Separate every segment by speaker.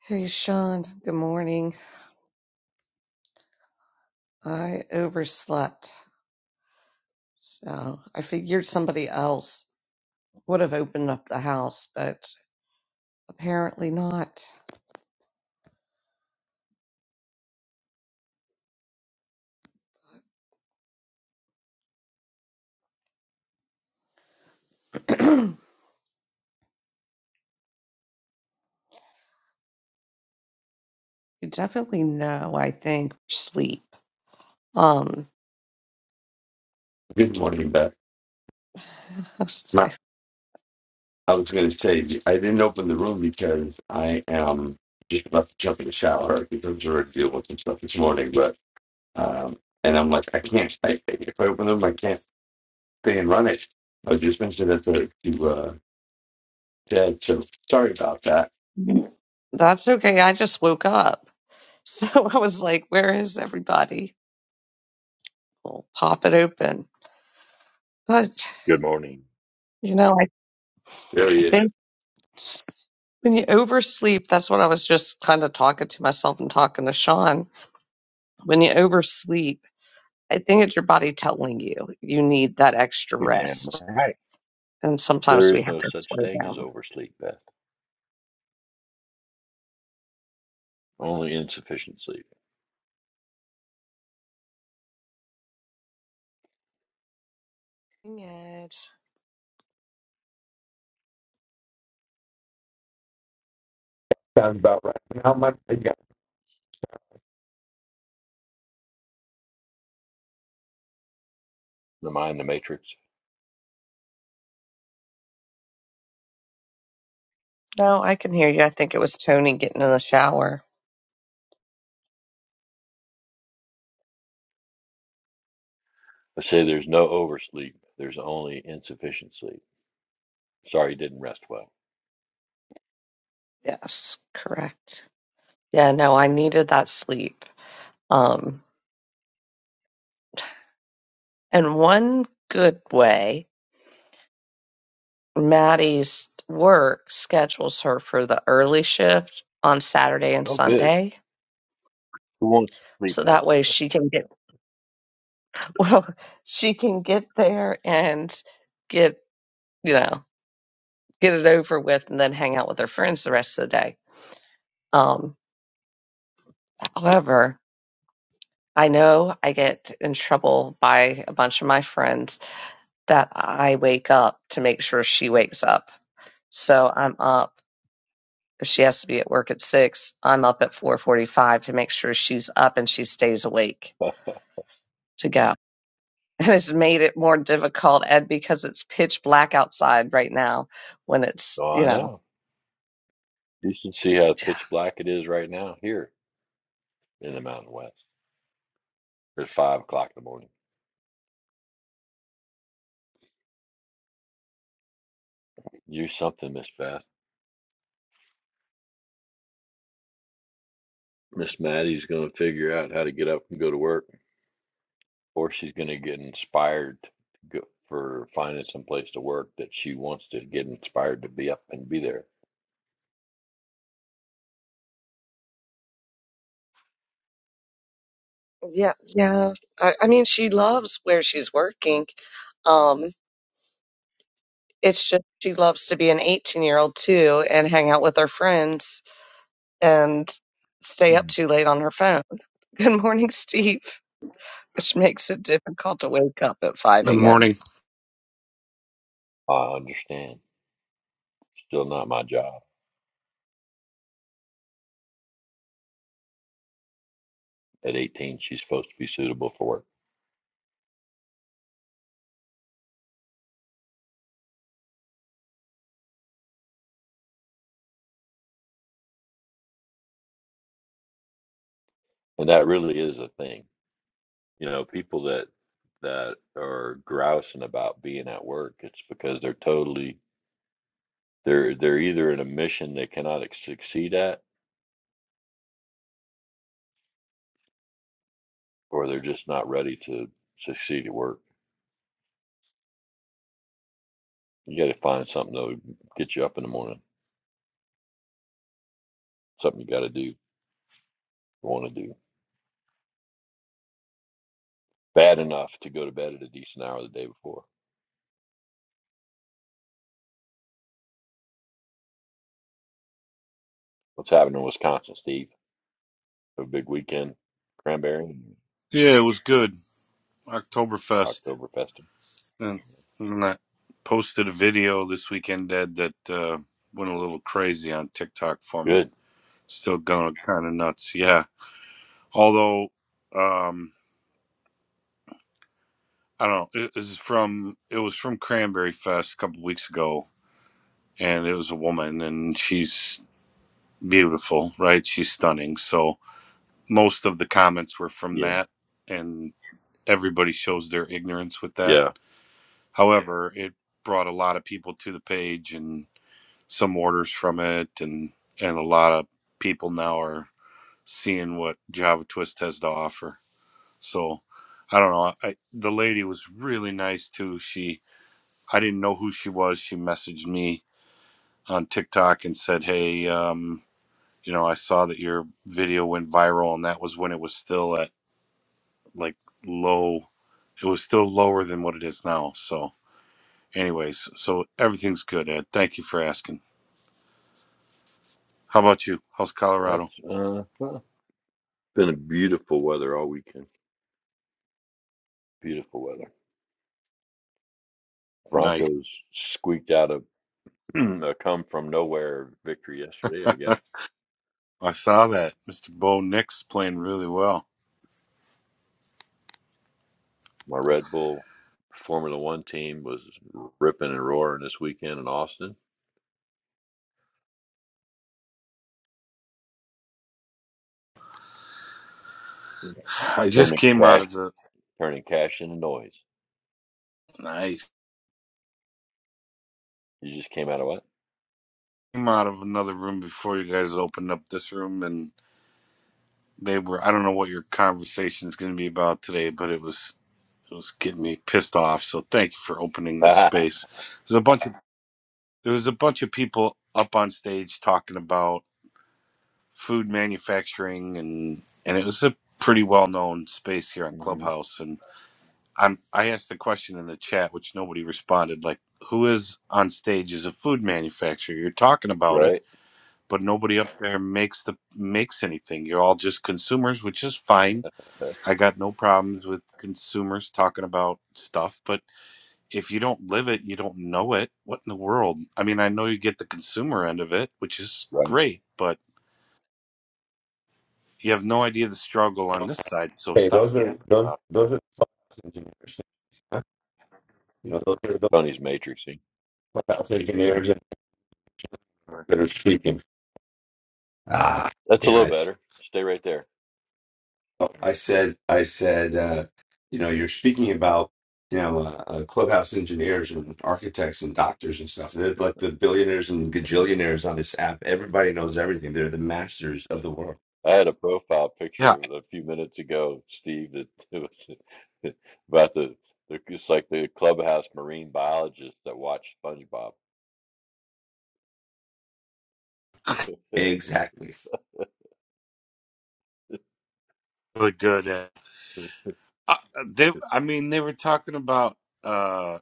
Speaker 1: Hey, Sean. Good morning. I overslept. So I figured somebody else would have opened up the house, but apparently not. you definitely know, I think, sleep. Um,
Speaker 2: Good morning, Beth.
Speaker 1: so-
Speaker 2: Ma- I was going to say, I didn't open the room because I am just about to jump in the shower because I am already dealing with some stuff this morning. But, um, and I'm like, I can't, I, if I open the room, I can't stay and run it. I was just mentioning that to, to uh, Ted. So sorry about that.
Speaker 1: that's okay. I just woke up. So I was like, where is everybody? We'll pop it open. but.
Speaker 3: Good morning.
Speaker 1: You know, I,
Speaker 2: There
Speaker 1: I
Speaker 2: he is.
Speaker 1: think when you oversleep, that's what I was just kind of talking to myself and talking to Sean. When you oversleep, I think it's your body telling you you need that extra
Speaker 3: You're damn
Speaker 1: rest.
Speaker 3: right.
Speaker 1: And sometimes
Speaker 3: There is
Speaker 1: we have
Speaker 3: no
Speaker 1: to
Speaker 3: such
Speaker 1: slow
Speaker 3: thing as
Speaker 1: down.
Speaker 3: oversleep, Beth. Only insufficient sleep.
Speaker 1: Good.
Speaker 2: Sounds about right. How much? Yeah.
Speaker 3: Am I the matrix?
Speaker 1: No, I can hear you. I think it was Tony getting in the shower.
Speaker 3: I say there's no oversleep. There's only insufficient sleep. Sorry you didn't rest well.
Speaker 1: Yes, correct. Yeah, no, I needed that sleep. Um, and one good way, Maddie's work schedules her for the early shift on Saturday and
Speaker 3: Oh, good.
Speaker 1: Sunday.
Speaker 3: Who wants to sleep
Speaker 1: So
Speaker 3: in?
Speaker 1: that way she can get, well, she can get there and get, you know, get it over with and then hang out with her friends the rest of the day. Um, However, I know I get in trouble by a bunch of my friends that I wake up to make sure she wakes up. So I'm up. If she has to be at work at six, I'm up at four forty-five to make sure she's up and she stays awake
Speaker 3: Huh.
Speaker 1: to go. And it's made it more difficult, Ed, because it's pitch black outside right now. When it's
Speaker 3: oh,
Speaker 1: you
Speaker 3: I
Speaker 1: know,
Speaker 3: know. You should see how pitch black it is right now here in the Mountain West. It's five o'clock in the morning. You're something, Miss Beth. Miss Maddie's going to figure out how to get up and go to work. or she's going to get inspired to go, for finding some place to work that she wants to get inspired to be up and be there.
Speaker 1: yeah, yeah. I, I mean, she loves where she's working, Um, It's just she loves to be an 18 year old too and hang out with her friends and stay up
Speaker 3: Mm.
Speaker 1: too late on her phone. Good morning, Steve, which makes it difficult to wake up at 5
Speaker 4: Good
Speaker 1: a.m.
Speaker 4: morning.
Speaker 3: I understand. Still not my job. At 18, she's supposed to be suitable for work, and that really is a thing. You know, people that that are grousing about being at work, it's because they're totally they're they're either in a mission they cannot ex- succeed at, or they're just not ready to succeed at work. You got to find something that'll get you up in the morning. Something you got to do. want to do. Bad enough to go to bed at a decent hour the day before. What's happening in Wisconsin, Steve? A big weekend, cranberry, and
Speaker 4: Yeah, it was good. Oktoberfest.
Speaker 3: October festive.
Speaker 4: And, and I posted a video this weekend, Ed, that uh, went a little crazy on TikTok for me.
Speaker 3: Good.
Speaker 4: Still going kind of nuts. Yeah. Although, um, I don't know. It, this is from, it was from Cranberry Fest a couple weeks ago. And it was a woman, and she's beautiful, right? She's stunning. So most of the comments were from
Speaker 3: Yeah.
Speaker 4: that. And everybody shows their ignorance with that
Speaker 3: Yeah.
Speaker 4: However, it brought a lot of people to the page and some orders from it, and and a lot of people now are seeing what Java Twist has to offer. So I don't know. I, the lady was really nice too. She I didn't know who she was. She messaged me on TikTok and said, "Hey, um, you know, I saw that your video went viral, and that was when it was still at like low. It was still lower than what it is now. So." Anyways, so everything's good, Ed. Thank you for asking. How about you? How's
Speaker 3: That's
Speaker 4: Colorado?
Speaker 3: uh huh. been a beautiful weather all weekend. Beautiful weather.
Speaker 4: Nice.
Speaker 3: Broncos squeaked out a, a come from nowhere victory yesterday, I guess.
Speaker 4: I saw that. Mr. Bo Nix playing really well.
Speaker 3: My Red Bull Formula One team was ripping and roaring this weekend in Austin, Okay.
Speaker 4: I just
Speaker 3: turning
Speaker 4: came out
Speaker 3: cash,
Speaker 4: of the
Speaker 3: turning cash into noise.
Speaker 4: nice
Speaker 3: You just came out of what?
Speaker 4: came out of another room before you guys opened up this room and they were I don't know what your conversation is gonna be about today, but it was it was getting me pissed off. So thank you for opening this space. There's a bunch of there was a bunch of people up on stage talking about food manufacturing and and it was a pretty well known space here on
Speaker 3: hmm
Speaker 4: Clubhouse and I'm I asked the question in the chat which nobody responded like who is on stage as a food manufacturer you're talking about it
Speaker 3: Right.
Speaker 4: but nobody up there makes the makes anything you're all just consumers which is fine
Speaker 3: That's
Speaker 4: I got no problems with consumers talking about stuff but if you don't live it you don't know it what in the world I mean I know you get the consumer end of it which is
Speaker 3: right.
Speaker 4: great but You have no idea the struggle on this side, so
Speaker 2: Hey, those
Speaker 4: stop
Speaker 2: are,
Speaker 4: yapping
Speaker 2: those,
Speaker 4: about
Speaker 2: those are the clubhouse engineers. huh? You know, those are the
Speaker 3: Tony's matrixing.
Speaker 2: clubhouse engineers
Speaker 4: it.
Speaker 2: that are speaking. Ah,
Speaker 3: That's a
Speaker 2: damn
Speaker 3: little
Speaker 2: it.
Speaker 3: better. Stay right there.
Speaker 2: I said, I said, uh, you know, you're speaking about, you know, uh, uh, clubhouse engineers and architects and doctors and stuff. They're like the billionaires and gajillionaires on this app. Everybody knows everything. They're the masters of the world.
Speaker 3: I had a profile picture
Speaker 4: Yeah,
Speaker 3: a few minutes ago, Steve, that it was about the, the it's like the clubhouse marine biologist that watched SpongeBob.
Speaker 2: Exactly.
Speaker 4: really good. At, uh, they, I mean, they were talking about uh,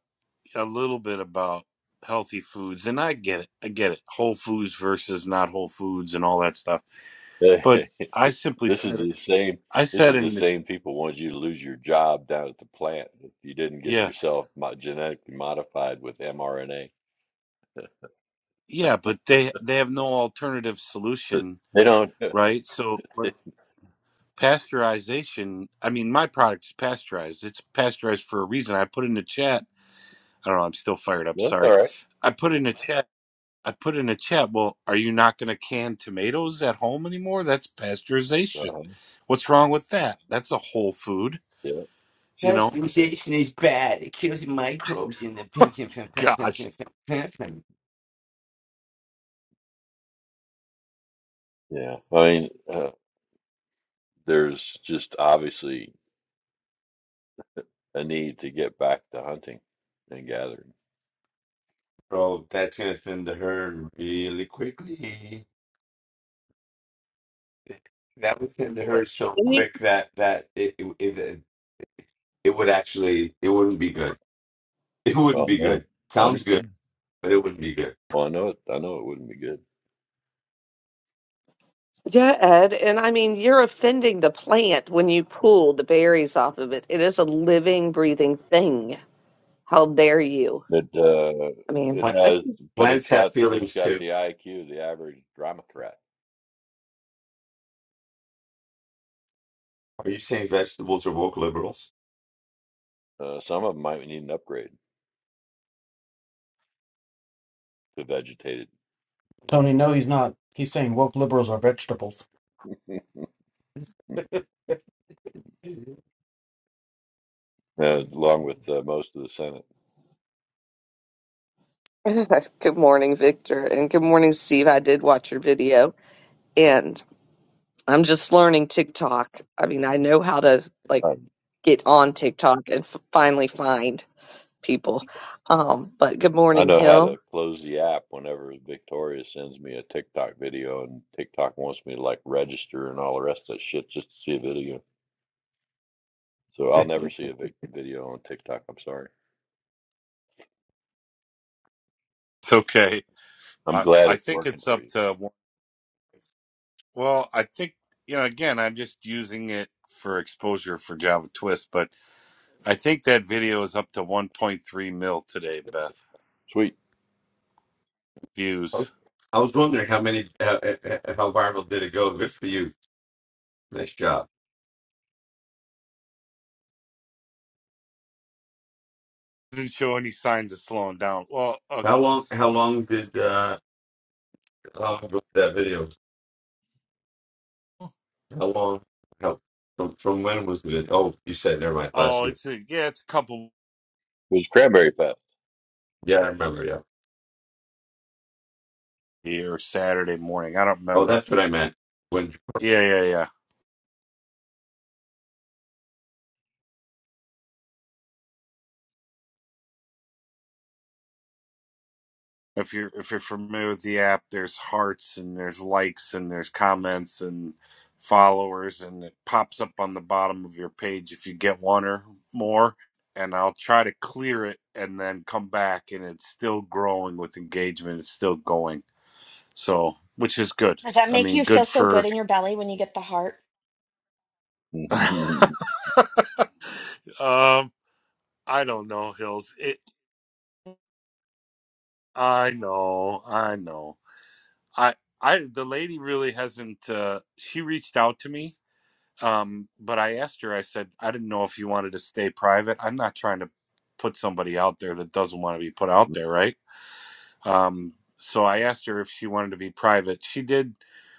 Speaker 4: a little bit about healthy foods, and I get it. I get it. Whole foods versus not whole foods and all that stuff. But I simply
Speaker 3: this is
Speaker 4: said,
Speaker 3: the same
Speaker 4: I
Speaker 3: this
Speaker 4: said
Speaker 3: is the
Speaker 4: in the
Speaker 3: same people wanted you to lose your job down at the plant if you didn't get
Speaker 4: yes.
Speaker 3: yourself mo- genetically modified with mRNA.
Speaker 4: Yeah, but they they have no alternative solution,
Speaker 3: They don't
Speaker 4: right? So like,
Speaker 3: that's
Speaker 4: pasteurization. I mean, my product's pasteurized. It's pasteurized for a reason. I put in the chat. I don't know. I'm still fired up. Sorry.
Speaker 3: all right.
Speaker 4: I put in a chat. I put in a chat. Well, are you not going to can tomatoes at home anymore? That's pasteurization.
Speaker 3: Uh-huh.
Speaker 4: What's wrong with that? That's a whole food.
Speaker 3: Yeah,
Speaker 4: You know.
Speaker 2: Pasteurization is bad. It kills the microbes in the pension from preference
Speaker 4: Gosh.
Speaker 2: and from preference.
Speaker 3: yeah. I mean, uh, there's just obviously a need to get back to hunting and gathering.
Speaker 2: Bro, that's gonna thin the herd really quickly. That would thin the herd so
Speaker 1: did you
Speaker 2: quick that that it, it, it it would actually it wouldn't be good It wouldn't
Speaker 3: Well,
Speaker 2: be good.
Speaker 3: no, I
Speaker 2: Sounds good,
Speaker 3: understand.
Speaker 2: but it wouldn't be good.
Speaker 3: Well, I know it. I know it wouldn't be good.
Speaker 1: Yeah, Ed, and I mean, you're offending the plant when you pull the berries off of it. It is a living, breathing thing. How dare you?
Speaker 3: It uh,
Speaker 1: I mean,
Speaker 3: it
Speaker 2: Pla-
Speaker 1: I,
Speaker 3: has, but it's
Speaker 2: Plants have
Speaker 3: got it's
Speaker 2: feelings
Speaker 3: got
Speaker 2: too.
Speaker 3: the IQ, the average Dromatrat.
Speaker 2: Are you saying vegetables are woke liberals?
Speaker 3: Uh, some of them might need an upgrade to vegetated,
Speaker 5: Tony, no, he's not. He's saying woke liberals are vegetables.
Speaker 2: Mhm.
Speaker 3: uh, along with uh, most of the Senate.
Speaker 1: good morning, Victor, and good morning, Steve. I did watch your video, and I'm just learning TikTok. I mean, I know how to like
Speaker 3: Um,
Speaker 1: get on TikTok and f finally find people. Um, but good
Speaker 3: I
Speaker 1: morning,
Speaker 3: know how
Speaker 1: Hill.
Speaker 3: to close the app whenever Victoria sends me a TikTok video, and TikTok wants me to like register and all the rest of that shit just to see a video. So I'll never see a vi- video on TikTok. I'm sorry.
Speaker 4: It's okay.
Speaker 3: I'm
Speaker 4: I
Speaker 3: glad
Speaker 4: I
Speaker 3: it's
Speaker 4: think
Speaker 3: working
Speaker 4: it's
Speaker 3: for
Speaker 4: up
Speaker 3: you.
Speaker 4: to Well, I think, you know, again, I'm just using it for exposure for Java Twist, but I think that video is up to 1.3 mil today, Beth.
Speaker 3: Sweet.
Speaker 2: I
Speaker 4: Views.
Speaker 2: was I was wondering how many uh, uh, uh, how viral did it go? Good for you. Nice job.
Speaker 4: did not show any signs of slowing down. Well, uh,
Speaker 2: How long? How long did uh, how long ago was that video? How long? How from, from when was it? Oh, you said never mind. Last
Speaker 4: oh,
Speaker 2: week.
Speaker 4: it's a, yeah, it's a couple
Speaker 3: It was Cranberry Fest.
Speaker 2: Yeah, I remember. Yeah.
Speaker 4: here Saturday morning. I don't
Speaker 2: Oh,
Speaker 4: remember.
Speaker 2: that's what I meant. When
Speaker 4: Yeah, yeah, yeah. if you're if you're familiar with the app, there's hearts and there's likes and there's comments and followers and it pops up on the bottom of your page if you get one or more and I'll try to clear it and then come back and it's still growing with engagement, it's still going. So, which is good.
Speaker 6: Does that
Speaker 4: I
Speaker 6: make
Speaker 4: mean,
Speaker 6: you feel
Speaker 4: good
Speaker 6: so good
Speaker 4: for
Speaker 6: in your belly when you get the heart?
Speaker 4: um I don't know, Hills. It I know, I know. I I the lady really hasn't uh she reached out to me Um, but I asked her, I said, I didn't know if you wanted to stay private. I'm not trying to put somebody out there that doesn't want to be put out there, right? Um, so I asked her if she wanted to be private. She did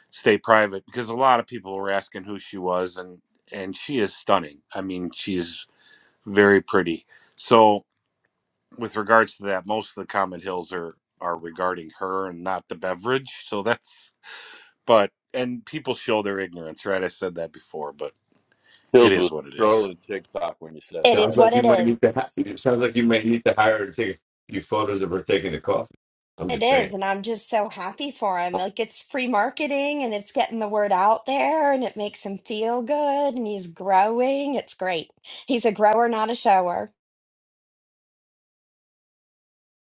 Speaker 4: stay private because a lot of people were asking who she was and and she is stunning. I mean, she's very pretty. So with regards to that, most of the comment hills are are regarding her and not the beverage. So that's but and people show their ignorance, right? I said that before, but it
Speaker 3: Hills
Speaker 4: is
Speaker 3: was
Speaker 4: what it is.
Speaker 3: trolling TikTok when you said it
Speaker 6: It
Speaker 2: sounds
Speaker 6: is
Speaker 3: last
Speaker 6: what
Speaker 2: like you
Speaker 3: time.
Speaker 6: it
Speaker 2: might
Speaker 6: is.
Speaker 2: need to. Ha- it sounds like you may need to hire her to take you photos of her taking the coffee. I'm
Speaker 6: It
Speaker 2: just
Speaker 6: is.
Speaker 2: saying.
Speaker 6: And I'm just so happy for him.
Speaker 2: You
Speaker 6: Like it's free marketing and it's getting the word out there and it makes him feel good and he's growing. It's great. He's a grower, not a shower.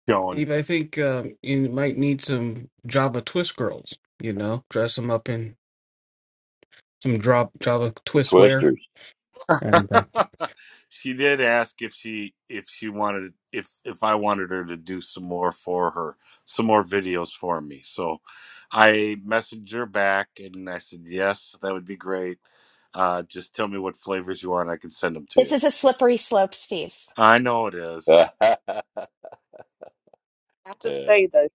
Speaker 4: going.
Speaker 5: Steve, I think um, you might need some Java Twist girls. You know, dress them up in some drop Java
Speaker 3: The
Speaker 5: Twist wear.
Speaker 3: Twisters.
Speaker 5: And uh,
Speaker 4: she did ask if she if she wanted if if I wanted her to do some more for her, some more videos for me. So I messaged her back and I said, "Yes, that would be great. Uh just tell me what flavors you want, I can send them to
Speaker 6: This
Speaker 4: you."
Speaker 6: is a slippery slope, Steve.
Speaker 4: I know it is.
Speaker 1: I have to
Speaker 3: yeah.
Speaker 1: say though,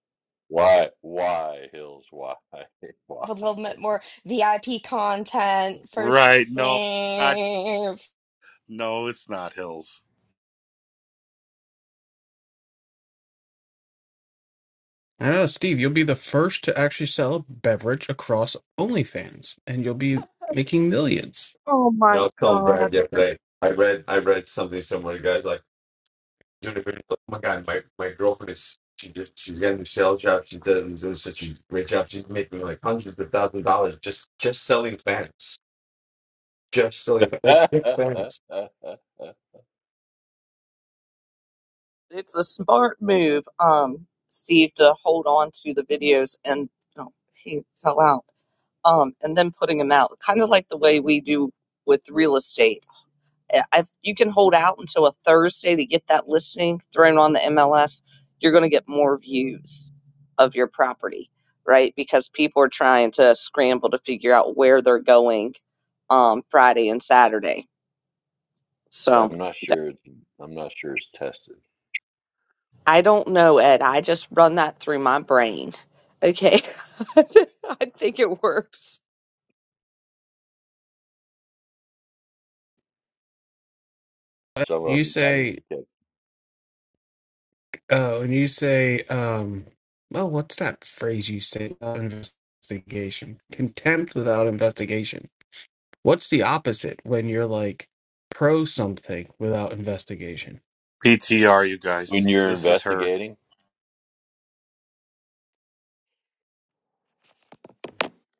Speaker 3: Why? Why, Hills? Why? Why?
Speaker 6: A little bit more VIP content for
Speaker 4: Right.
Speaker 6: Steve.
Speaker 4: No. Not, no, it's not Hills.
Speaker 5: I know, Steve, you'll be the first to actually sell a beverage across OnlyFans, and you'll be making millions.
Speaker 1: oh
Speaker 2: know, I
Speaker 1: my
Speaker 2: was telling
Speaker 1: God.
Speaker 2: Brad yesterday. I read. I read something somewhere. The guy's like doing a video. Oh my god, my my girlfriend is. She just she's getting a sales job. She does does such a great job. She's making like hundreds of thousands of dollars just just selling fans. Just selling fans. Oh, pick fans.
Speaker 1: It's a smart move, um, Steve, to hold on to the videos and oh, he fell out. Um, and then putting them out, kind of like the way we do with real estate. If you can hold out until a Thursday to get that listing thrown on the MLS. You're going to get more views of your property, right? Because people are trying to scramble to figure out where they're going, um, Friday and Saturday.
Speaker 3: Yeah,
Speaker 1: So.
Speaker 3: I'm not sure. It's, I'm not sure it's tested.
Speaker 1: I don't know, Ed. I just run that through my brain. Okay. I think it works.
Speaker 5: Uh,
Speaker 3: Some of
Speaker 5: You
Speaker 3: them. I just
Speaker 5: say,
Speaker 3: can't-
Speaker 5: uh, when you say, um, well, what's that phrase you say? Without investigation, contempt without investigation. What's the opposite when you're like pro something without investigation?
Speaker 4: PTR you
Speaker 3: When
Speaker 4: guys.
Speaker 3: you're
Speaker 4: This is her.
Speaker 3: investigating,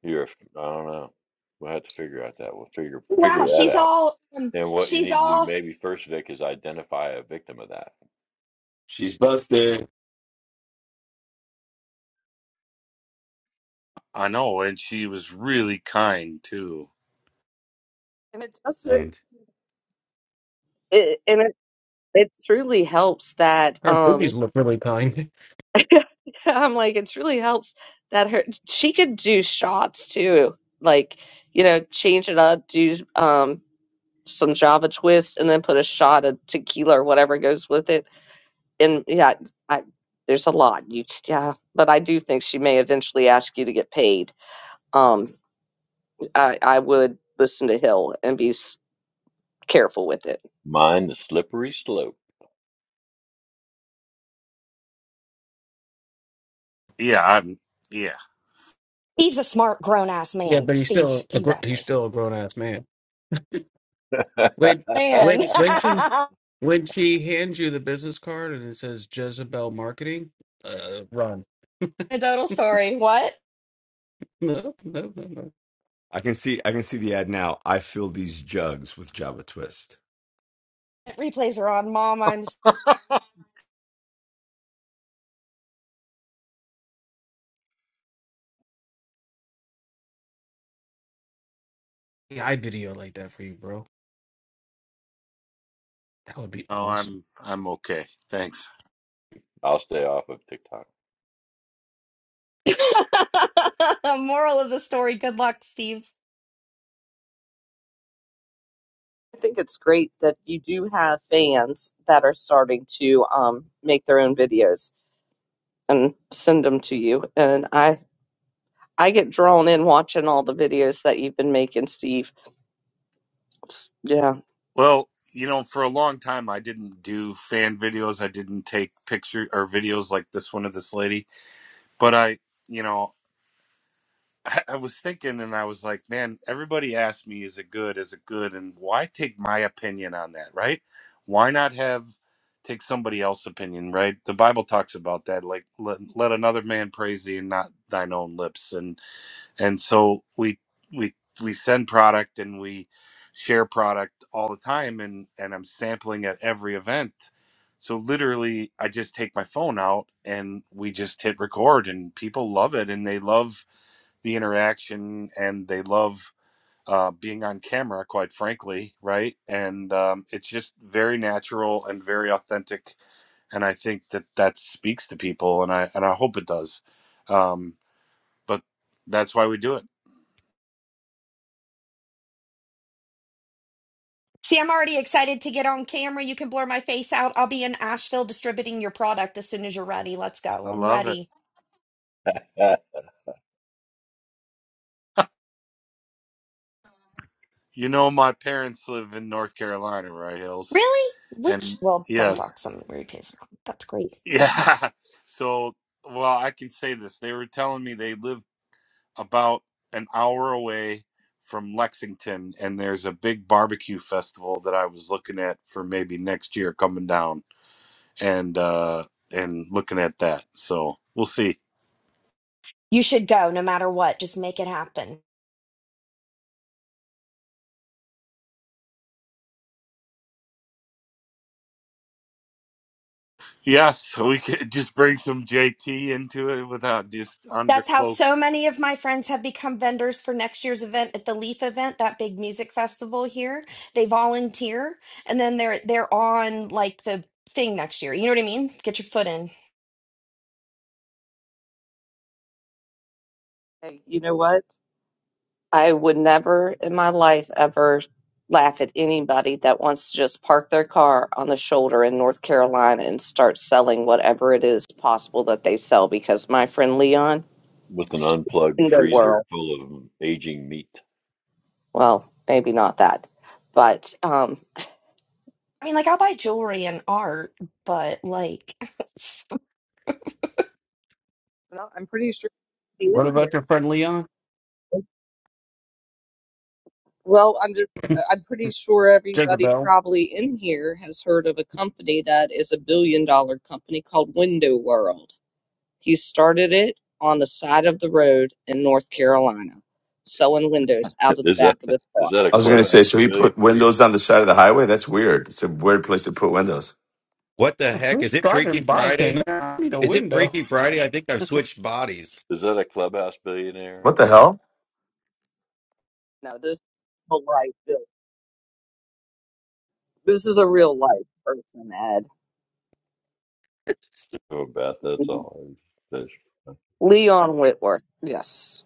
Speaker 3: you're. I don't know. We'll have to figure out that. We'll figure
Speaker 6: Wow,
Speaker 3: figure that
Speaker 6: she's
Speaker 3: out.
Speaker 6: all, um,
Speaker 3: And what you
Speaker 6: she's
Speaker 3: need to do
Speaker 6: all,
Speaker 3: maybe first, Vic, is identify a victim of that.
Speaker 2: She's busted.
Speaker 4: I know and she was really kind too.
Speaker 1: And it does it, it and it, it truly helps that
Speaker 5: Our movies
Speaker 1: um
Speaker 5: look really kind.
Speaker 1: I'm like it truly helps that her she could do shots too. Like, you know, change it up, do um some Java twist and then put a shot of tequila or whatever goes with it. And yeah, I there's a lot. You yeah, but I do think she may eventually ask you to get paid. Um. I, I would listen to Hill and be s- careful with it.
Speaker 3: Mind the slippery slope.
Speaker 4: Yeah, I'm yeah.
Speaker 6: Steve's a smart, grown ass
Speaker 5: Yeah,
Speaker 6: man.
Speaker 5: but he's
Speaker 6: Steve,
Speaker 5: still a
Speaker 6: you
Speaker 5: gr-
Speaker 6: got
Speaker 5: he's
Speaker 6: this.
Speaker 5: still a grown ass man. When
Speaker 6: Man.
Speaker 5: when when she when she hands you the business card and it says Jezebel Marketing, uh, run.
Speaker 6: Anecdotal story. What?
Speaker 5: No, no, no, no.
Speaker 2: I can see I can see the ad now. I fill these jugs with Java Twist.
Speaker 6: Replays are on. Mom, I'm.
Speaker 5: Yeah, I video like that for you, bro. That would be
Speaker 4: Oh,
Speaker 5: awesome.
Speaker 4: I'm I'm okay. Thanks.
Speaker 3: I'll stay off of TikTok.
Speaker 6: Moral of the story. Good luck, Steve.
Speaker 1: I think it's great that you do have fans that are starting to um, make their own videos and send them to you. And I, I get drawn in watching all the videos that you've been making, Steve. It's- yeah.
Speaker 4: Well, you know, for a long time I didn't do fan videos. I didn't take picture or videos like this one of this lady. But I, you know, I, I was thinking and I was like, man, everybody asked me is it good? Is it good? And why take my opinion on that, right? Why not have take somebody else's opinion, right? The Bible talks about that like let, let another man praise thee and not thine own lips. and. and so we we we send product and we share product all the time and and i'm sampling at every event so literally i just take my phone out and we just hit record and people love it and they love the interaction and they love uh, being on camera quite frankly right and um, it's just very natural and very authentic and i think that that speaks to people and i and i hope it does um, but that's why we do it
Speaker 6: See, I'm already excited to get on camera. You can blur my face out. I'll be in Asheville distributing your product as soon as you're ready. Let's go.
Speaker 4: i
Speaker 6: I'm
Speaker 4: love it
Speaker 6: ready.
Speaker 4: You know, my parents live in North Carolina, right, Hills?
Speaker 6: Really? Which?
Speaker 4: And
Speaker 6: Well, don't talk.
Speaker 4: yes,
Speaker 6: Some replays are on. That's great.
Speaker 4: yeah. So, well, I can say this. They were telling me they live about an hour away from Lexington, and there's a big barbecue festival that I was looking at for maybe next year coming down and, uh, and looking at that. So we'll see.
Speaker 6: You should go no matter what. Just make it happen.
Speaker 4: Yes, we could just bring some JT into it without just
Speaker 6: That's how
Speaker 4: undercloak.
Speaker 6: so many of my friends have become vendors for next year's event at the Leaf event, that big music festival here. They volunteer and then they're they're on like the thing next year. You know what I mean? Get your foot in.
Speaker 1: Hey, you know what? I would never in my life ever laugh at anybody that wants to just park their car on the shoulder in North Carolina and start selling whatever it is possible that they sell because my friend Leon
Speaker 3: With an
Speaker 1: is
Speaker 3: unplugged
Speaker 1: in the
Speaker 3: freezer
Speaker 1: world.
Speaker 3: full of aging meat.
Speaker 1: Well, maybe not that, but um,
Speaker 6: I mean, like I'll buy jewelry and art, but like
Speaker 1: no, I'm pretty sure everybody
Speaker 5: What
Speaker 1: in
Speaker 5: about
Speaker 1: here.
Speaker 5: your friend Leon?
Speaker 1: Well, I'm just I'm pretty sure everybody
Speaker 5: Jezebels.
Speaker 1: probably in here has heard of a company that is a billion dollar company called Window World He started it on the side of the road in North Carolina, selling windows out of the
Speaker 3: Is
Speaker 1: back
Speaker 3: that
Speaker 1: of his
Speaker 3: is
Speaker 1: car.
Speaker 3: that a
Speaker 7: I was going to
Speaker 3: clubhouse
Speaker 7: say, so he
Speaker 3: billion?
Speaker 7: put windows on the side of the highway? That's weird. It's a weird place to put windows.
Speaker 2: What the heck?
Speaker 5: Who's
Speaker 2: Is it Freaky
Speaker 5: driving by
Speaker 2: Friday?
Speaker 5: saying, I need a
Speaker 2: Is it
Speaker 5: window?
Speaker 2: Freaky Friday? I think I've switched bodies.
Speaker 3: Is that a clubhouse billionaire?
Speaker 7: What the hell?
Speaker 1: No, this is a life. Bill. This is a real life person, Ed.
Speaker 3: Oh, Beth, that's all. That's,
Speaker 1: Leon Whitworth. Yes.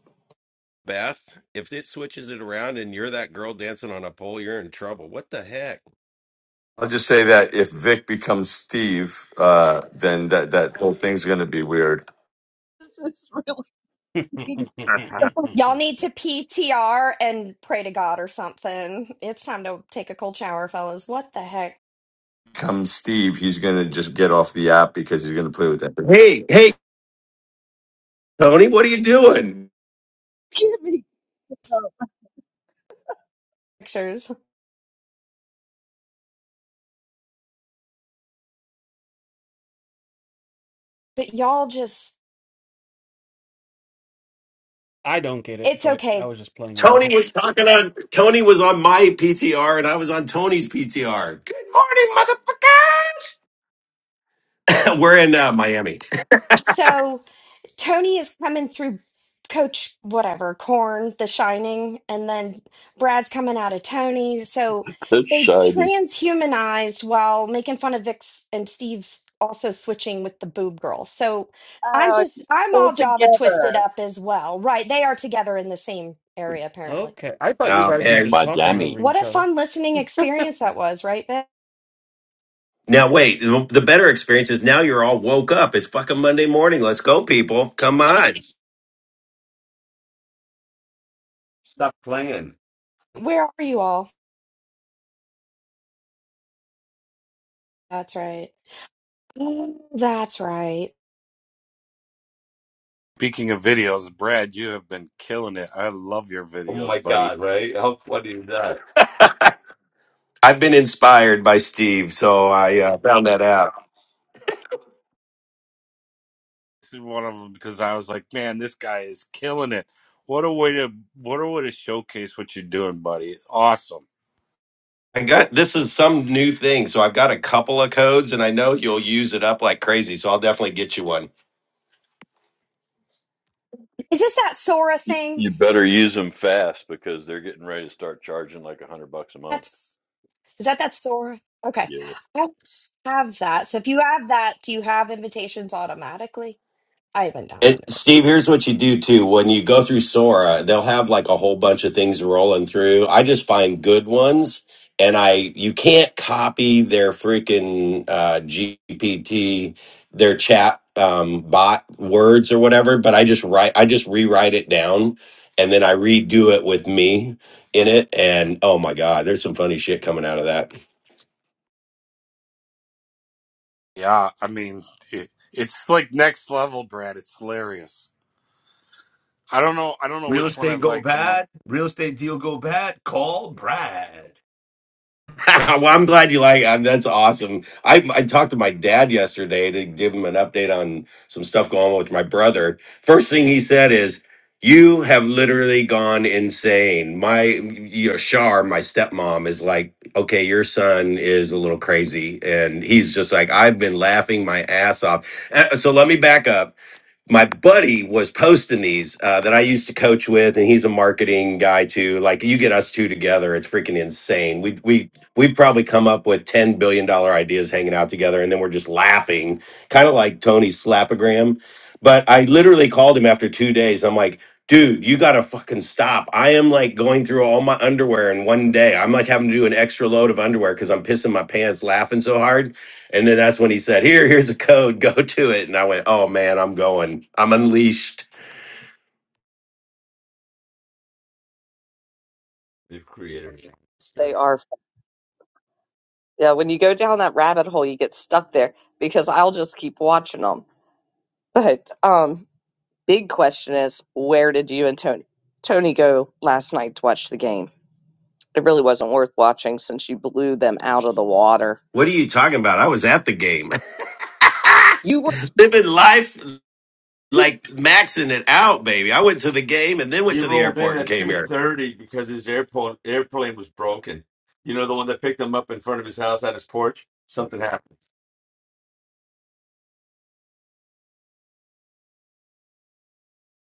Speaker 2: Beth, if it switches it around and you're that girl dancing on a pole, you're in trouble. What the heck?
Speaker 7: I'll just say that if Vic becomes Steve, uh, then that, that whole thing's going to be weird.
Speaker 1: This is really don't
Speaker 6: Y'all need to PTR and pray to God or something. It's time to take a cold shower, fellas. What the heck?
Speaker 7: Come Steve, he's going to just get off the app because he's going to play with that. Hey, hey, Tony, what are you doing?
Speaker 1: give me stuff.
Speaker 6: Pictures. But y'all just,
Speaker 5: I don't get it,
Speaker 6: it's
Speaker 5: but I
Speaker 6: okay.
Speaker 5: was just playing along.
Speaker 7: Tony was talking on Tony was on my PTR and I was on Tony's PTR. Good morning, motherfuckers. We're in uh, Miami.
Speaker 6: So. Tony is coming through Coach whatever Corn, The Shining, and then Brad's coming out of Tony. So
Speaker 3: that's
Speaker 6: they
Speaker 3: shiny.
Speaker 6: transhumanized while making fun of Vic's and Steve's also switching with the boob girl. So I'm
Speaker 1: Uh,
Speaker 6: just I'm
Speaker 1: go
Speaker 6: all Java twisted
Speaker 1: together.
Speaker 6: up as well. Right. They are together in the same area apparently.
Speaker 5: Okay. I thought you
Speaker 7: Um,
Speaker 5: guys were just
Speaker 3: My
Speaker 5: talking over
Speaker 3: jammy.
Speaker 6: What
Speaker 5: each
Speaker 6: a
Speaker 5: other.
Speaker 6: fun listening experience that was, right, Vic?
Speaker 7: Now wait, the better experience is now you're all woke up. It's fucking Monday morning. Let's go, people. Come on.
Speaker 2: Stop playing.
Speaker 6: Where are you all? That's right. Oh, That's right.
Speaker 4: Speaking of videos, Brad, you have been killing it. I love your
Speaker 2: Oh my
Speaker 4: videos, buddy.
Speaker 2: god, right? How funny is that?
Speaker 7: I've been inspired by Steve, so I uh, found that out.
Speaker 4: This is one of them because I was like, man, this guy is killing it. What a way to what a way to showcase what you're doing, buddy. Awesome.
Speaker 7: I got this is some new thing, so I've got a couple of codes, and I know you'll use it up like crazy. So I'll definitely get you one.
Speaker 6: Is this that Sora
Speaker 3: You,
Speaker 6: thing?
Speaker 3: you better use them fast because they're getting ready to start charging like a hundred bucks a month.
Speaker 6: That's Is that that store? Okay.
Speaker 3: Yeah,
Speaker 6: I have that. So if you have that, do you have invitations automatically? I haven't
Speaker 7: And
Speaker 6: downloaded it.
Speaker 7: Steve,
Speaker 6: Mm.
Speaker 7: here's what you do too. When you go through Sora, they'll have like a whole bunch of things rolling through. I just find good ones, and I you can't copy their freaking uh, GPT, their chat um, bot words or whatever. But I just write, I just rewrite it down, and then I redo it with me in it. And oh my god, there's some funny shit coming out of that.
Speaker 4: Yeah, I mean, it, it's like next level, Brad. It's hilarious. I don't know. I don't know
Speaker 2: Real
Speaker 4: which one
Speaker 2: estate
Speaker 4: I've
Speaker 2: go
Speaker 4: liked the most.
Speaker 2: bad, real estate deal go bad, call Brad.
Speaker 7: well, I'm glad you like. Um, that's awesome. I I talked to my dad yesterday to give him an update on some stuff going on with my brother. First thing he said is, "You have literally gone insane." My your Shar, my stepmom, is like, "Okay, your son is a little crazy," and he's just like, "I've been laughing my ass off." Uh, So let me back up my buddy was posting these uh, that I used to coach with, and he's a marketing guy too. Like you get us two together, it's freaking insane. We we we've probably come up with ten billion dollar ideas hanging out together, and then we're just laughing, kind of like Tony slapogram. But I literally called him after two days. I'm like, dude, you gotta fucking stop. I am like going through all my underwear in one day. I'm like having to do an extra load of underwear because I'm pissing my pants laughing so hard and then that's when he said, "Here, here's a code. Go to it." And I went, "Oh man, I'm going. I'm unleashed."
Speaker 2: They've created a monster.
Speaker 1: They are. Yeah, when you go down that rabbit hole, you get stuck there because I'll just keep watching them. But um, Big question is, where did you and Tony Tony go last night to watch the game? It really wasn't worth watching since you blew them out of the water.
Speaker 7: What are you talking about? I was at the game,
Speaker 1: You were,
Speaker 7: living life
Speaker 1: you-
Speaker 7: like maxing it out, baby. I went to the game and then went
Speaker 2: He
Speaker 7: to the
Speaker 2: rolled in
Speaker 7: airport and
Speaker 2: at
Speaker 7: came
Speaker 2: two
Speaker 7: here.
Speaker 2: thirty because his airport airplane was broken. You know the one that picked him up in front of his house at his porch. Something happened,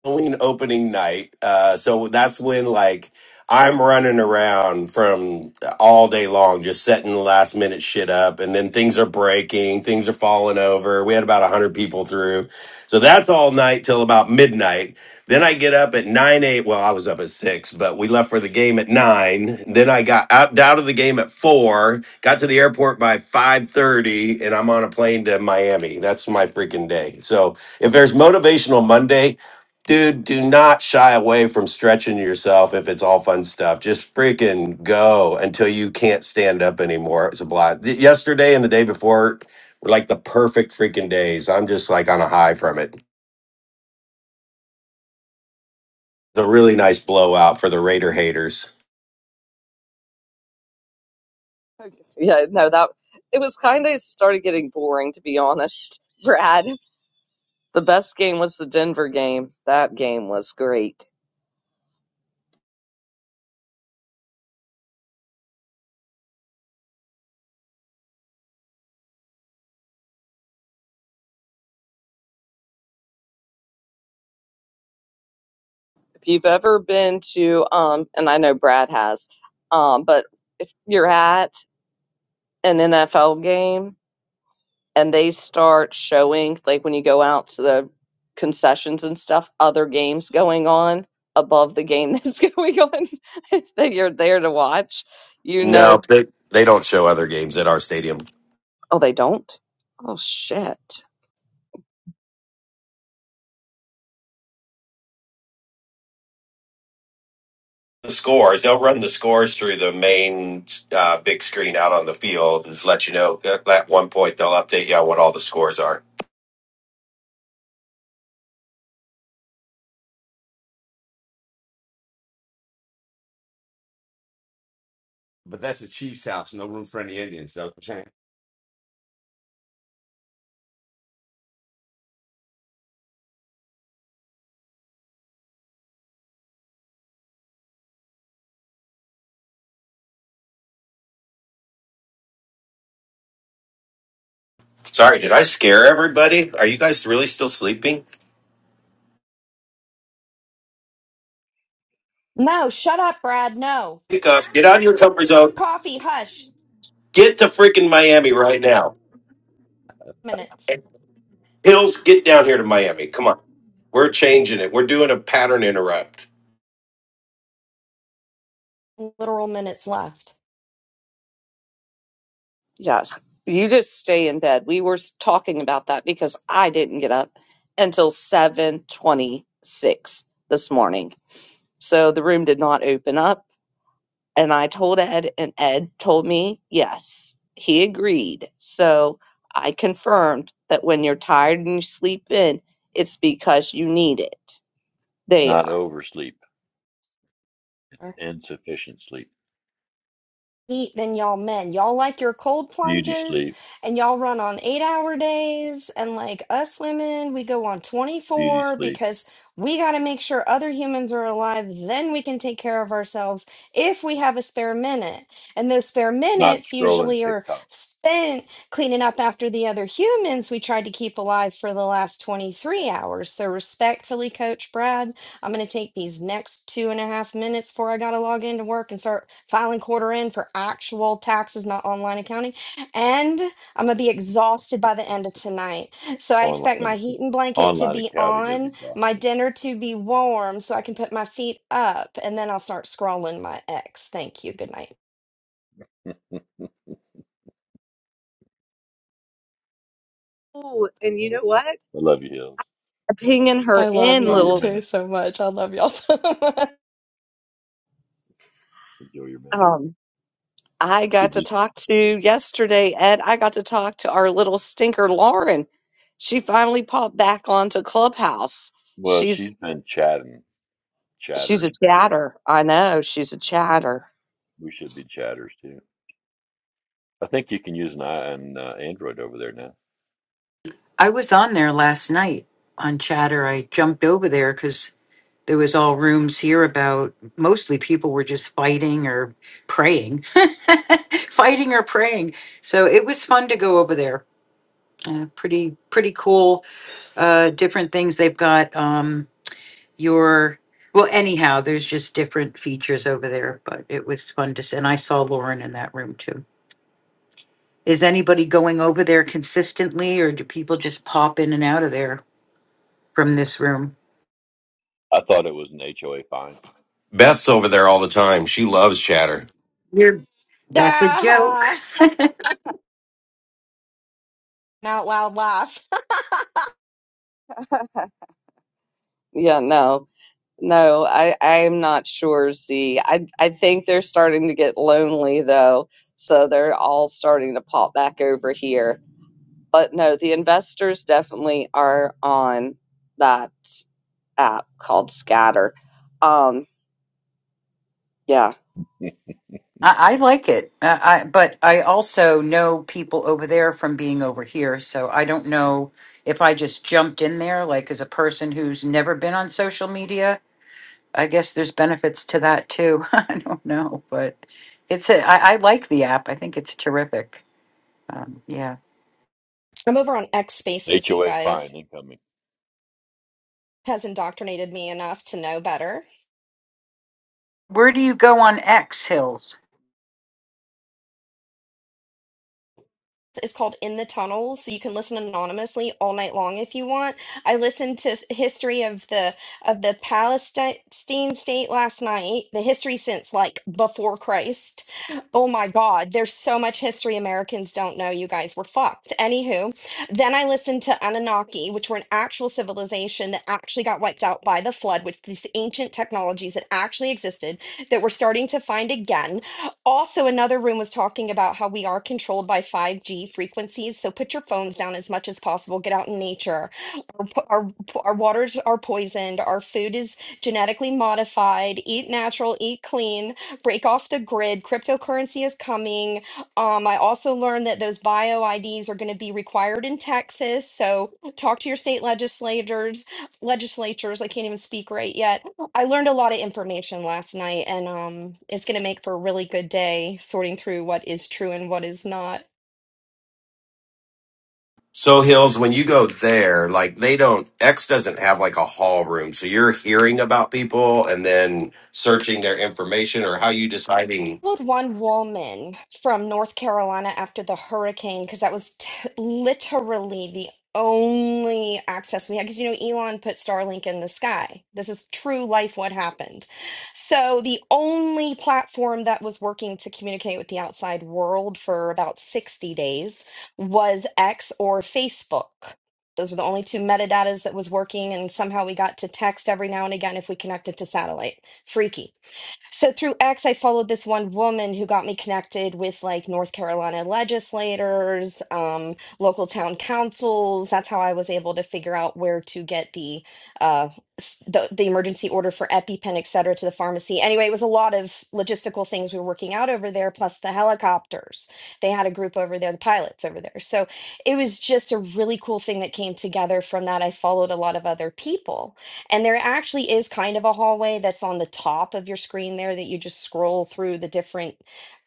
Speaker 7: Halloween opening night. Uh, so that's when like I'm running around from all day long, just setting the last minute shit up, and then things are breaking, things are falling over. We had about a hundred people through, so that's all night till about midnight. Then I get up at nine eight. Well, I was up at six, but we left for the game at nine. Then I got out out of the game at four. Got to the airport by five thirty, and I'm on a plane to Miami. That's my freaking day. So if there's motivational Monday, Dude, do not shy away from stretching yourself if it's all fun stuff. Just freaking go until you can't stand up anymore. It's a blast. Th- Yesterday and the day before were like the perfect freaking days. I'm just like on a high from it. It's a really nice blowout for the Raider haters.
Speaker 1: yeah, no, that it was kind of started getting boring to be honest, Brad. The best game was the Denver game. That game was great. If you've ever been to, um, and I know Brad has, um, but if you're at an NFL game and they start showing like when you go out to the concessions and stuff other games going on above the game that's going on that you're there to watch you know
Speaker 7: No, they, they don't show other games at our stadium.
Speaker 1: oh they don't oh shit
Speaker 7: The scores, they'll run the scores through the main uh, big screen out on the field and just let you know. At at one point, they'll update you on what all the scores are.
Speaker 2: but that's the chief's house. No room for any Indians. That's what I'm saying.
Speaker 7: Sorry, did I scare everybody? Are you guys really still sleeping?
Speaker 6: No, shut up, Brad. No.
Speaker 7: Pick up, get out of your comfort zone,
Speaker 6: Coffee, hush.
Speaker 7: get to freaking Miami right now.
Speaker 6: Minutes.
Speaker 7: Hills, get down here to Miami. Come on. We're changing it. We're doing a pattern interrupt.
Speaker 6: Literal minutes left.
Speaker 1: Yes. You just stay in bed. We were s- talking about that because I didn't get up until 7:26 this morning. So the room did not open up and I told Ed and Ed told me, "Yes, he agreed." So I confirmed that when you're tired and you sleep in, it's because you need it.
Speaker 3: it's not
Speaker 1: There.
Speaker 3: oversleep, insufficient sleep,
Speaker 6: heat than y'all men. Y'all like your cold
Speaker 3: beauty sleep.
Speaker 6: plunges and y'all run on eight hour days. And like us women, we go on
Speaker 3: beauty
Speaker 6: 24
Speaker 3: sleep,
Speaker 6: because we got to make sure other humans are alive. Then we can take care of ourselves if we have a spare minute. And those spare
Speaker 3: not
Speaker 6: minutes
Speaker 3: scrolling
Speaker 6: usually are
Speaker 3: TikTok.
Speaker 6: spent cleaning up after the other humans we tried to keep alive for the last 23 hours. So, respectfully, Coach Brad. I'm going to take these next two and a half minutes before I got to log into work and start filing quarter in for actual taxes, not online accounting. And I'm going to be exhausted by the end of tonight. So I
Speaker 3: Online,
Speaker 6: expect my heating blanket to
Speaker 3: online
Speaker 6: be
Speaker 3: accounting is
Speaker 6: on, my
Speaker 3: exhausting.
Speaker 6: dinner to be warm so I can put my feet up, and then I'll start scrolling my ex. Thank you. Good night.
Speaker 1: Oh, and you know what?
Speaker 3: I love you, Hills.
Speaker 1: Pinging
Speaker 6: I
Speaker 1: her
Speaker 6: love
Speaker 1: in
Speaker 3: Enjoy
Speaker 6: y'all
Speaker 3: your
Speaker 1: little
Speaker 6: too
Speaker 1: s-
Speaker 3: minute.
Speaker 6: so much. I love y'all so much.
Speaker 3: Enjoy your minute.
Speaker 1: um I
Speaker 3: Did
Speaker 1: got to
Speaker 3: you,
Speaker 1: talk to yesterday, Ed. I got to talk to our little stinker, Lauren. She finally popped back onto Clubhouse.
Speaker 3: well,
Speaker 1: She's
Speaker 3: she's been chatting,
Speaker 1: she's a
Speaker 3: chattering.
Speaker 1: chatter. I know she's a chatter.
Speaker 3: We should be chatters too. I think you can use an, i- an uh, Android over there now.
Speaker 8: I was on there last night on chatter. I jumped over there because there was all rooms here about mostly people were just fighting or praying, fighting or praying. So it was fun to go over there. Uh, pretty pretty cool. Uh, different things they've got. Um, your well, anyhow, there's just different features over there. But it was fun to. s- And I saw Lauren in that room too. Is anybody going over there consistently, or do people just pop in and out of there from this room?
Speaker 3: I thought it was an HOA fine.
Speaker 7: Beth's over there all the time. She loves chatter.
Speaker 8: You're, that's a joke.
Speaker 6: Ah,
Speaker 8: I,
Speaker 6: an out loud laugh.
Speaker 1: Yeah, no, no, I I'm not sure. Z. I I think they're starting to get lonely though, so they're all starting to pop back over here. But no, the investors definitely are on that app called Scatter. Um, yeah.
Speaker 8: I like it, uh, I, but I also know people over there from being over here. So I don't know if I just jumped in there, like as a person who's never been on social media. I guess there's benefits to that too. I don't know, but it's a, I, I like the app. I think it's terrific. Um, yeah.
Speaker 6: I'm over on X Spaces, you
Speaker 3: HOA
Speaker 6: guys.
Speaker 3: fine incoming.
Speaker 6: has indoctrinated me enough to know better.
Speaker 8: Where do you go on X Hills?
Speaker 6: It's called In the Tunnels, so you can listen anonymously all night long if you want. I listened to s- history of the of the Palestine state last night, the history since like before Christ. Oh my God, there's so much history Americans don't know. You guys were fucked. Anywho, then I listened to Anunnaki, which were an actual civilization that actually got wiped out by the flood with these ancient technologies that actually existed that we're starting to find again also another room was talking about how we are controlled by 5G frequencies. So put your phones down as much as possible. Get out in nature. Our, po- our, po- our waters are poisoned. Our food is genetically modified. Eat natural, eat clean, break off the grid. Cryptocurrency is coming. Um, I also learned that those bio IDs are going to be required in Texas. So talk to your state legislators, legislatures. I can't even speak right yet I learned a lot of information last night, and um, it's going to make for a really good day sorting through what is true and what is not.
Speaker 7: So, Hills, when you go there, like they don't, X doesn't have like a hall room. So you're hearing about people and then searching their information or how you deciding.
Speaker 6: Called one woman from North Carolina after the hurricane because that was t literally the only access we had. Because you know, Elon put Starlink in the sky. This is true life what happened. So, the only platform that was working to communicate with the outside world for about 60 days was X or Facebook. Those were the only two metadatas that was working, and somehow we got to text every now and again if we connected to satellite. Freaky. So through X, I followed this one woman who got me connected with like North Carolina legislators, um, local town councils. That's how I was able to figure out where to get the uh, s- the, the emergency order for EpiPen, et cetera, to the pharmacy. Anyway, it was a lot of logistical things we were working out over there, plus the helicopters. They had a group over there, the pilots over there. So it was just a really cool thing that came together from that. I followed a lot of other people and there actually is kind of a hallway that's on the top of your screen there that you just scroll through the different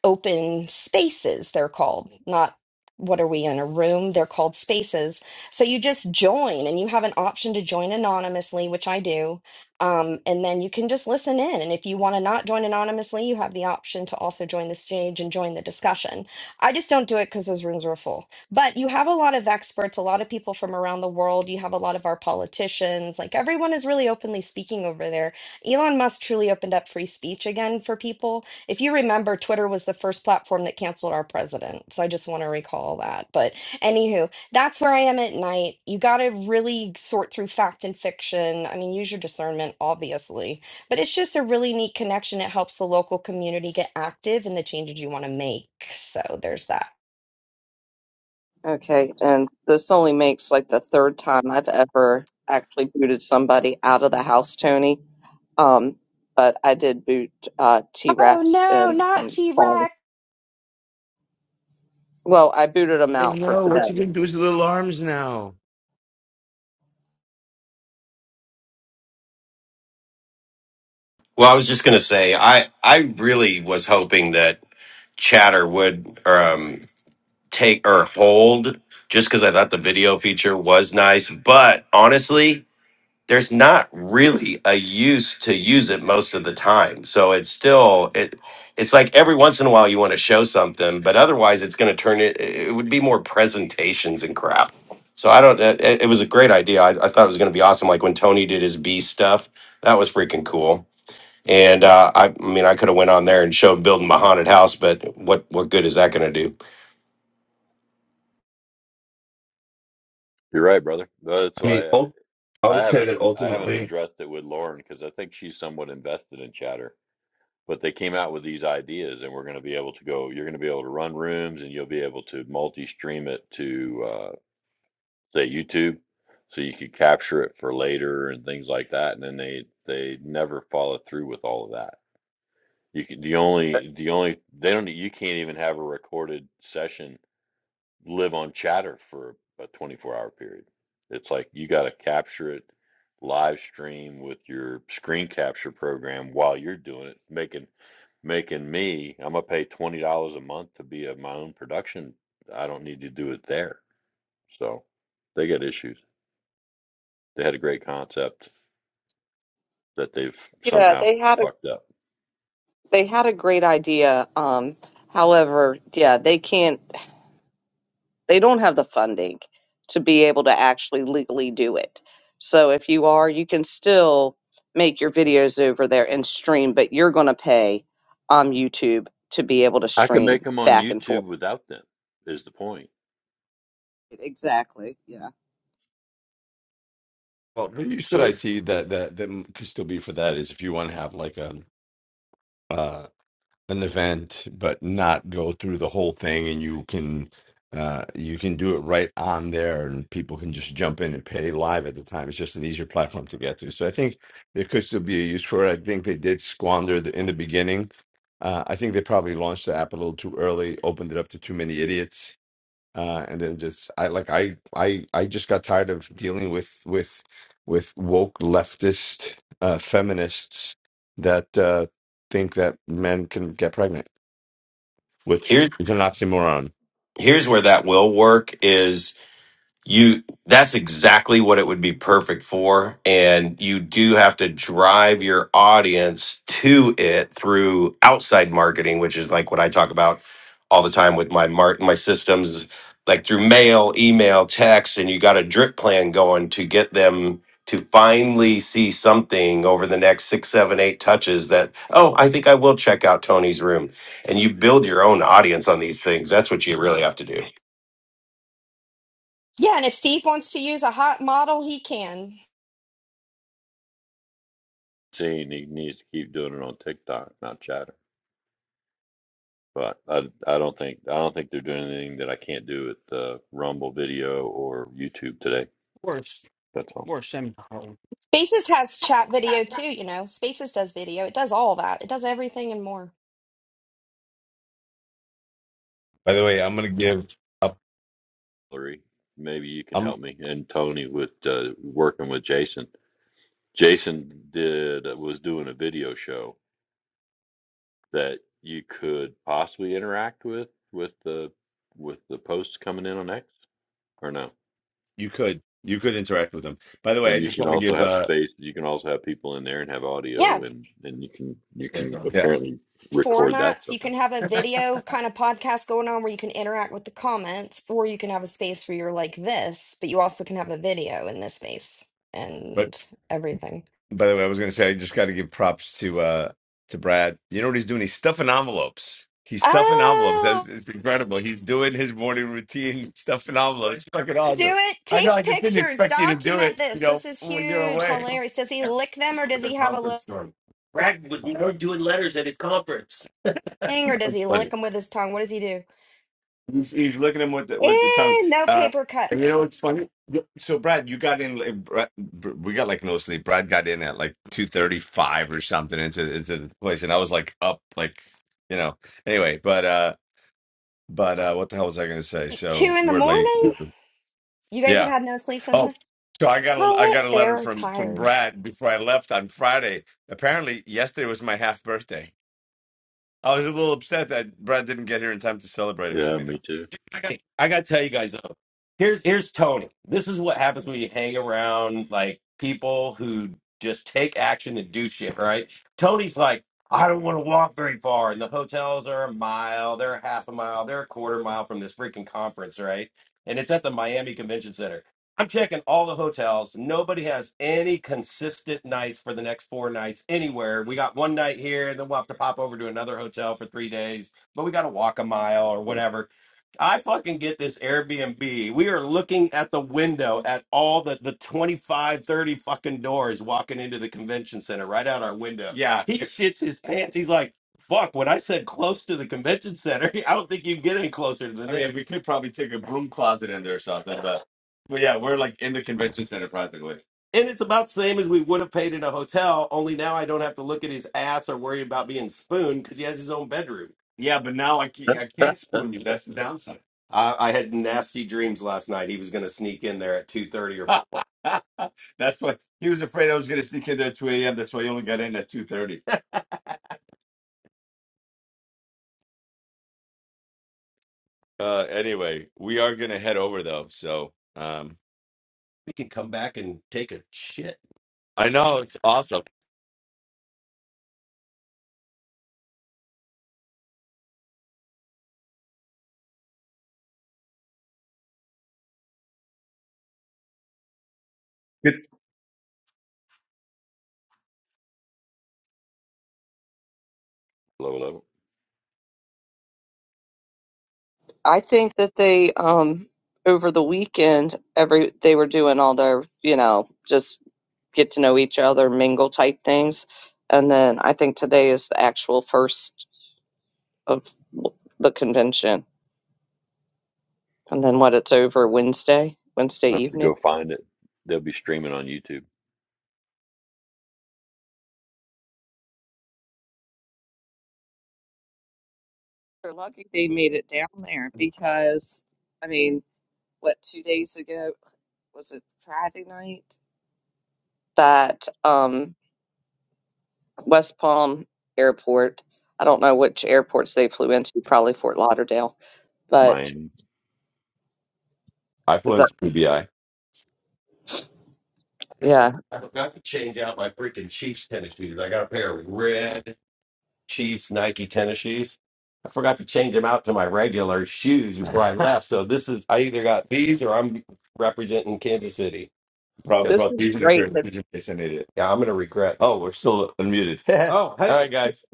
Speaker 6: open spaces, they're called, not what are we in a room? They're called spaces. So you just join and you have an option to join anonymously, which I do. Um, and then you can just listen in. And if you want to not join anonymously, you have the option to also join the stage and join the discussion. I just don't do it because those rooms are full. But you have a lot of experts, a lot of people from around the world. You have a lot of our politicians. Like everyone is really openly speaking over there. Elon Musk truly opened up free speech again for people. If you remember, Twitter was the first platform that canceled our president. So I just want to recall that. But anywho, that's where I am at night. You got to really sort through fact and fiction. I mean, use your discernment, obviously. But it's just a really neat connection. It helps the local community get active in the changes you want to make. So there's that.
Speaker 1: Okay, and this only makes like the third time I've ever actually booted somebody out of the house, Tony. Um, but I did boot uh,
Speaker 6: Oh
Speaker 1: T-Rex,
Speaker 6: no,
Speaker 1: and
Speaker 6: not
Speaker 1: um,
Speaker 6: T
Speaker 1: um,
Speaker 6: Rex.
Speaker 1: well, I booted them
Speaker 2: Oh
Speaker 1: out for
Speaker 2: no,
Speaker 1: today.
Speaker 2: what you gonna do with the little arms now?
Speaker 7: Well, I was just going to say, I, I really was hoping that chatter would um, take or hold just because I thought the video feature was nice. But honestly, there's not really a use to use it most of the time. So it's still it it's like every once in a while you want to show something, but otherwise it's going to turn it it would be more presentations and crap. So I don't it, it was a great idea. I, I thought it was going to be awesome like when Tony did his B stuff. That was freaking cool. And uh, I, I mean, I could have went on there and showed building my haunted house, but what what good is that going to do?
Speaker 3: You're right, brother. That's
Speaker 2: I mean,
Speaker 3: why I,
Speaker 2: ul- I
Speaker 3: I
Speaker 2: would say
Speaker 3: haven't
Speaker 2: that
Speaker 3: I haven't
Speaker 2: ultimately,
Speaker 3: addressed it with Lauren because I think she's somewhat invested in chatter but they came out with these ideas and we're going to be able to go you're going to be able to run rooms and you'll be able to multi-stream it to uh, say youtube so you could capture it for later and things like that and then they they never follow through with all of that you can the only the only they don't you can't even have a recorded session live on chatter for a 24 hour period. It's like you got to capture it live stream with your screen capture program while you're doing it, making making me, I'm gonna pay $20 a month to be of my own production. I don't need to do it there. So they got issues. They had a great concept that they've
Speaker 1: Yeah,
Speaker 3: somehow
Speaker 1: they had a
Speaker 3: fucked up.
Speaker 1: they had a great idea. Um, however, yeah, they can't. They don't have the funding to be able to actually legally do it. So if you are, you can still make your videos over there and stream, but you're going to pay um, YouTube to be able to
Speaker 3: I can make
Speaker 1: stream
Speaker 3: them on
Speaker 1: back and
Speaker 3: YouTube
Speaker 1: forth.
Speaker 3: without them is the point.
Speaker 1: Exactly. Yeah.
Speaker 2: Well, the use that I
Speaker 3: So
Speaker 2: see that that that m- could still be for that is if you want to have like a an event but not go through the whole thing and you can uh you can do it right on there and people can just jump in and pay live at the time it's just an easier platform to get to so i think there could still be a use for it i think they did squander the, in the beginning uh, i think they probably launched the app a little too early opened it up to too many idiots uh, and then just I like I I I just got tired of dealing with with with woke leftist uh, feminists that uh, think that men can get pregnant, which
Speaker 7: Here,
Speaker 2: is an oxymoron.
Speaker 7: here's where that will work. Is you that's exactly what it would be perfect for and you do have to drive your audience to it through outside marketing which is like what I talk about all the time with my mar- my systems like through mail, email, text and you got a drip plan going to get them to finally see something over the next six, seven, eight touches that, oh, I think I will check out Tony's room. And you build your own audience on these things. That's what you really have to do.
Speaker 6: Yeah, and if Steve wants to use a hot model, he can.
Speaker 3: seeing he needs to keep doing it on TikTok, not chatter. But I, I don't think I don't think they're doing anything that I can't do with the Rumble video or YouTube today.
Speaker 5: Or
Speaker 3: That's all.
Speaker 5: or semi You
Speaker 6: Spaces has chat video too, you know. Spaces does video. It does all that. It does everything and more.
Speaker 2: By the way, I'm gonna give up.
Speaker 3: Hillary, maybe you can
Speaker 2: I'm
Speaker 3: help me and Tony with uh, working with Jason. Jason did uh, was doing a video show that you could possibly interact with with the with the posts coming in on X or no.
Speaker 2: You could. You could interact with them. By the way, I
Speaker 3: And you
Speaker 2: just
Speaker 3: can
Speaker 2: want to
Speaker 3: also
Speaker 2: give
Speaker 3: have
Speaker 2: uh
Speaker 3: space. You can also have people in there and have
Speaker 6: Yeah,
Speaker 3: audio, and and you can you
Speaker 2: yeah. it's
Speaker 3: can
Speaker 2: on. yeah.
Speaker 3: apparently record that
Speaker 6: formats. You
Speaker 3: somehow.
Speaker 6: can have a video kind of podcast going on where you can interact with the comments, or you can have a space where you're like this, but you also can have a video in this space
Speaker 2: But
Speaker 6: and everything.
Speaker 2: by the way, I was gonna say I just gotta give props to uh to Brad. You know what he's doing? He's stuffing envelopes. He's stuffing envelopes.
Speaker 6: Ah,
Speaker 2: That's it's incredible. He's doing his morning routine stuffing envelopes. Fucking
Speaker 6: do
Speaker 2: awesome.
Speaker 6: it.
Speaker 2: I know I
Speaker 6: Take
Speaker 2: just didn't
Speaker 6: pictures.
Speaker 2: expect you to do it,
Speaker 6: Document
Speaker 2: you
Speaker 6: this.
Speaker 2: know,
Speaker 6: This is
Speaker 2: when you're
Speaker 6: huge.
Speaker 2: away.
Speaker 6: Hilarious. Does he lick them or
Speaker 2: Some of
Speaker 6: does
Speaker 2: the
Speaker 6: he have a little?
Speaker 2: conference store. You know,
Speaker 6: thing or does he
Speaker 2: do
Speaker 6: lick them with his tongue? What does he do?
Speaker 2: He's, he's looking at him with the, with the tongue.
Speaker 6: Eh, no
Speaker 2: Uh,
Speaker 6: paper
Speaker 2: and you
Speaker 6: cuts.
Speaker 2: know what's funny? So Brad, you got in. like, Brad- We got like no sleep. Brad got in at like two thirty five or something into into the place, and I was like up, like you know. Anyway, but uh, but uh, what the hell was I going to say?
Speaker 6: Two
Speaker 2: So
Speaker 6: in the
Speaker 2: we're late.
Speaker 6: morning? You guys have
Speaker 2: Yeah.
Speaker 6: had no sleep since
Speaker 2: Oh,
Speaker 6: then?
Speaker 2: so I got a
Speaker 6: Call
Speaker 2: I
Speaker 6: it.
Speaker 2: got a letter
Speaker 6: They're
Speaker 2: from from
Speaker 6: tired.
Speaker 2: Brad before I left on Friday. Apparently, yesterday was my half birthday. I was a little upset that Brad didn't get here in time to celebrate it with
Speaker 3: Yeah,
Speaker 2: me, though.
Speaker 3: me too.
Speaker 2: I got I gotta tell you guys though. Here's here's Tony. This is what happens when you hang around like people who just take action and do shit, right? Tony's like, I don't want to walk very far, and the hotels are a mile, they're a half a mile, they're a quarter mile from this freaking conference, right? And it's at the Miami Convention Center. I'm checking all the hotels. Nobody has any consistent nights for the next four nights anywhere. We got one night here, and then we'll have to pop over to another hotel for three days, but we got to walk a mile or whatever I fucking get this Airbnb. We are looking at the window at all the, the 25 30 fucking doors walking into the convention center right out our window. Yeah. He If, shits his pants. He's like, fuck, when I said close to the convention center, I don't think you can get any closer than I mean, this. we could probably take a broom closet in there or something, but but yeah, we're like in the convention center practically. And it's about the same as we would have paid in a hotel, only now I don't have to look at his ass or worry about being spooned because he has his own bedroom. Yeah, but now I can't, I can't spoon you. That's the downside. I, I had nasty dreams last night. He was going to sneak in there at two thirty or four. That's why he was afraid I was going to sneak in there at 2 a.m. That's why he only got in at 2.30. Uh, anyway, we are going to head over, though. So um, We can come back and take a shit. I know. It's awesome.
Speaker 9: Good.
Speaker 3: Level level.
Speaker 1: I think that they um over the weekend every they were doing all their, you know, just get to know each other, mingle type things. And then I think today is the actual first of the convention. And then what? It's over Wednesday, Wednesday
Speaker 3: I have to
Speaker 1: evening.
Speaker 3: go find it. They'll be streaming on YouTube.
Speaker 1: They're lucky they made it down there because, I mean, what, two days ago, was it Friday night? That um, West Palm Airport, I don't know which airports they flew into, probably Fort Lauderdale, but
Speaker 3: Miami.
Speaker 2: I flew
Speaker 1: is that,
Speaker 2: into PBI. I
Speaker 1: yeah,
Speaker 2: I forgot to change out my freaking Chiefs tennis shoes. I got a pair of red. Chiefs Nike tennis shoes. I forgot to change them out to my regular shoes before I left. So this is I either got these or I'm representing Kansas City Probably because
Speaker 1: this
Speaker 2: brought
Speaker 1: is
Speaker 2: these in the
Speaker 1: great.
Speaker 2: curtain. You just an idiot. yeah, I'm gonna regret Oh, we're this. still unmuted. All Oh, hey, right, guys.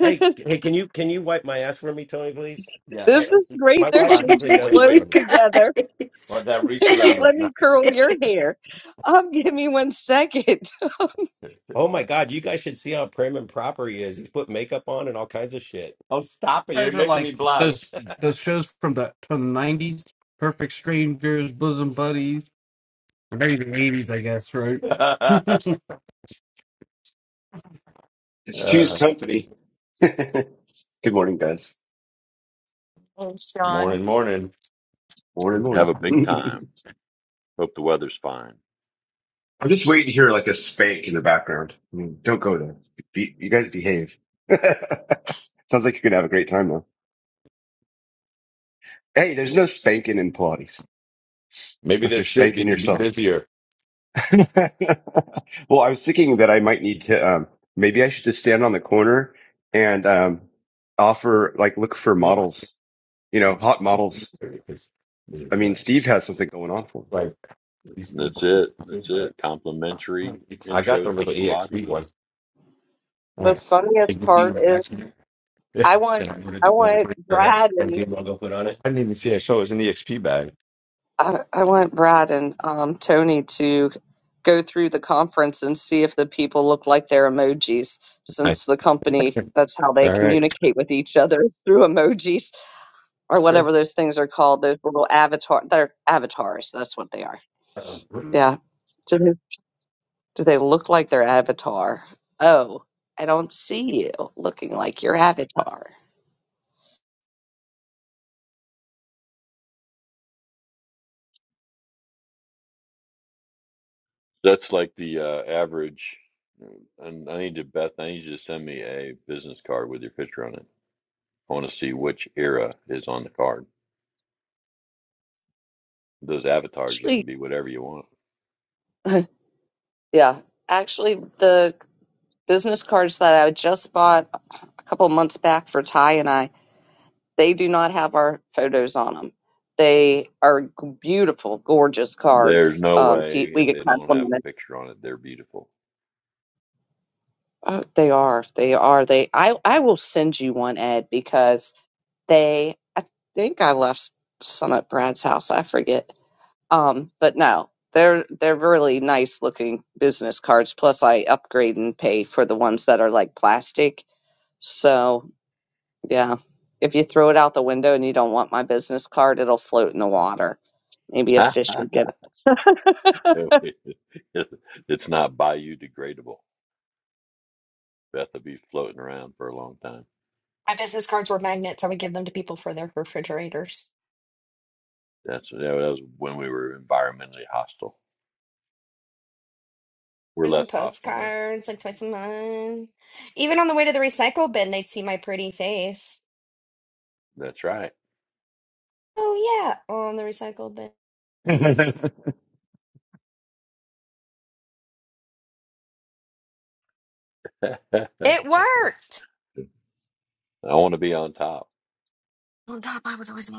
Speaker 2: hey, hey, can you can you wipe my ass for me, Tony, please? Yeah. I
Speaker 1: this is
Speaker 2: my
Speaker 1: great. They're
Speaker 2: wife on. usually
Speaker 1: changing
Speaker 2: does Wait, it wait. for
Speaker 8: you
Speaker 1: clothes
Speaker 2: me.
Speaker 1: together.
Speaker 8: guys.
Speaker 2: Well, that reach
Speaker 1: They're like,
Speaker 2: around was
Speaker 1: let me
Speaker 2: nice.
Speaker 1: curl your
Speaker 8: Hey,
Speaker 1: hair. Um, give me one second.
Speaker 2: Oh my God, you guys should see how prim and proper he is. He's put makeup on and all kinds of shit. Oh, stop it. You're
Speaker 5: guys are
Speaker 2: making me
Speaker 5: like
Speaker 2: blush.
Speaker 5: those those shows from the from the nineties, Perfect Strangers, Bosom Buddies. Or maybe the eighties, I guess, right? okay,
Speaker 9: It's
Speaker 2: Uh,
Speaker 9: Two's company. Good morning, guys.
Speaker 8: Sean.
Speaker 2: Morning, morning.
Speaker 9: Morning,
Speaker 3: Have
Speaker 9: morning.
Speaker 3: a big time. Hope the weather's fine.
Speaker 9: I'm just waiting to hear like a spank in the background. I mean, don't go there. Be, you guys behave. Sounds like you're gonna have a great time though. Hey, there's no spanking in Pilates
Speaker 2: Maybe
Speaker 9: unless
Speaker 2: there
Speaker 9: you're
Speaker 2: should be.
Speaker 9: spanking
Speaker 2: You'd be
Speaker 9: yourself.
Speaker 2: busier.
Speaker 9: well, I was thinking that I might need to. Um, maybe I should just stand on the corner and um, offer like look for
Speaker 2: Yeah.
Speaker 9: models. You know, hot models.
Speaker 2: Because
Speaker 9: I
Speaker 2: there's uh,
Speaker 9: mean, Steve has something going on for
Speaker 2: like these
Speaker 3: And
Speaker 2: little
Speaker 3: That's
Speaker 2: budgets.
Speaker 3: it. That's
Speaker 2: But
Speaker 3: it. Complimentary
Speaker 2: I got
Speaker 3: intro
Speaker 2: the
Speaker 3: to
Speaker 2: little
Speaker 3: Pilates.
Speaker 2: EXP one. All
Speaker 1: The
Speaker 2: right. Think
Speaker 1: funniest
Speaker 2: you see
Speaker 1: part
Speaker 2: what I'm
Speaker 1: is.
Speaker 2: Yeah.
Speaker 1: I want
Speaker 2: Then I ordered the
Speaker 1: I
Speaker 2: corn
Speaker 1: want
Speaker 2: free or have a
Speaker 1: Brad and
Speaker 2: quarantine logo put on it. I didn't even see it. So it was an EXP bag.
Speaker 1: I, I want Brad and um, Tony to go through the conference and see if the people look like their emojis,
Speaker 2: Right.
Speaker 1: since the company that's how they
Speaker 2: All right.
Speaker 1: communicate with each other is through emojis
Speaker 2: It
Speaker 1: or
Speaker 2: says,
Speaker 1: whatever those things are called. Those little avatar, they're avatars. That's what they are.
Speaker 2: uh,
Speaker 1: Yeah. Do they, do they look like their avatar? Oh, I don't see you looking like your avatar.
Speaker 3: That's like the uh, average. uh, And I need to, Beth, I need you to send me a business card with your picture on it. I want to see which era is on the card. Those avatars, you
Speaker 1: Actually,
Speaker 3: can be whatever you want.
Speaker 1: yeah. Actually, the business cards that I just bought a couple months back for Ty and I, they do not have our photos on them. They are g- beautiful, gorgeous
Speaker 3: There's
Speaker 1: cards.
Speaker 3: no
Speaker 1: Um, Pete,
Speaker 3: way
Speaker 1: we
Speaker 3: if
Speaker 1: get
Speaker 3: they don't have a
Speaker 1: complimented.
Speaker 3: picture on it, they're beautiful.
Speaker 1: Oh, they are. They are. They. I. I will send you one, Ed, because they. I think I left some at Brad's house. I forget. Um, but no, they're they're really nice looking business cards. Plus, I upgrade and pay for the ones that are like plastic. So Yeah. If you throw it out the window and you don't want my business card, it'll float in the water. Maybe a fish would get it.
Speaker 3: it's not biodegradable. Beth would be floating around for a long time.
Speaker 6: My business cards were magnets. I would give them to people for their refrigerators.
Speaker 3: That's that was when we were environmentally hostile. We're
Speaker 6: There's some
Speaker 3: less hostile now.
Speaker 6: postcards, like twice a month. Even on the way to the recycle bin, they'd see my pretty face.
Speaker 3: That's right.
Speaker 6: Oh, yeah, on the recycle bin.
Speaker 9: him.
Speaker 3: I
Speaker 6: It worked.
Speaker 3: want to be on top.
Speaker 6: On top, I was always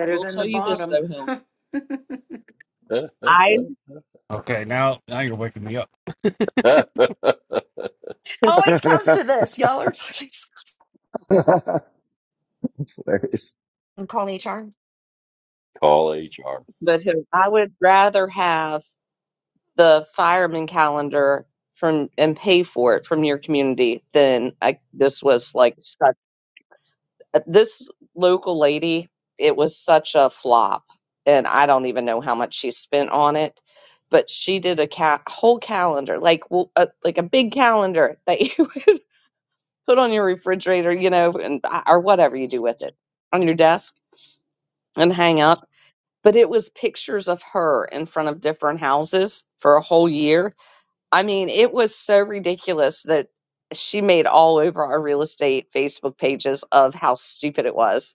Speaker 1: I will
Speaker 8: than
Speaker 1: tell
Speaker 8: the
Speaker 1: you this
Speaker 8: bottom.
Speaker 1: though, Hill. I
Speaker 5: now now you're waking me up.
Speaker 6: always close to this. Y'all are fucking.
Speaker 9: That's hilarious.
Speaker 6: I'm calling HR.
Speaker 3: Call HR.
Speaker 1: but Hill, I would rather have the fireman calendar from and pay for it from your community than I, this was like such this local lady. It was such a flop, and I don't even know how much she spent on it. But she did a ca- whole calendar, like w- a, like a big calendar that you. put on your refrigerator, you know, and uh, or whatever you do with it on your desk and hang up. But it was pictures of her in front of different houses for a whole year. I mean, it was so ridiculous that she made all over our real estate Facebook pages of how stupid it was.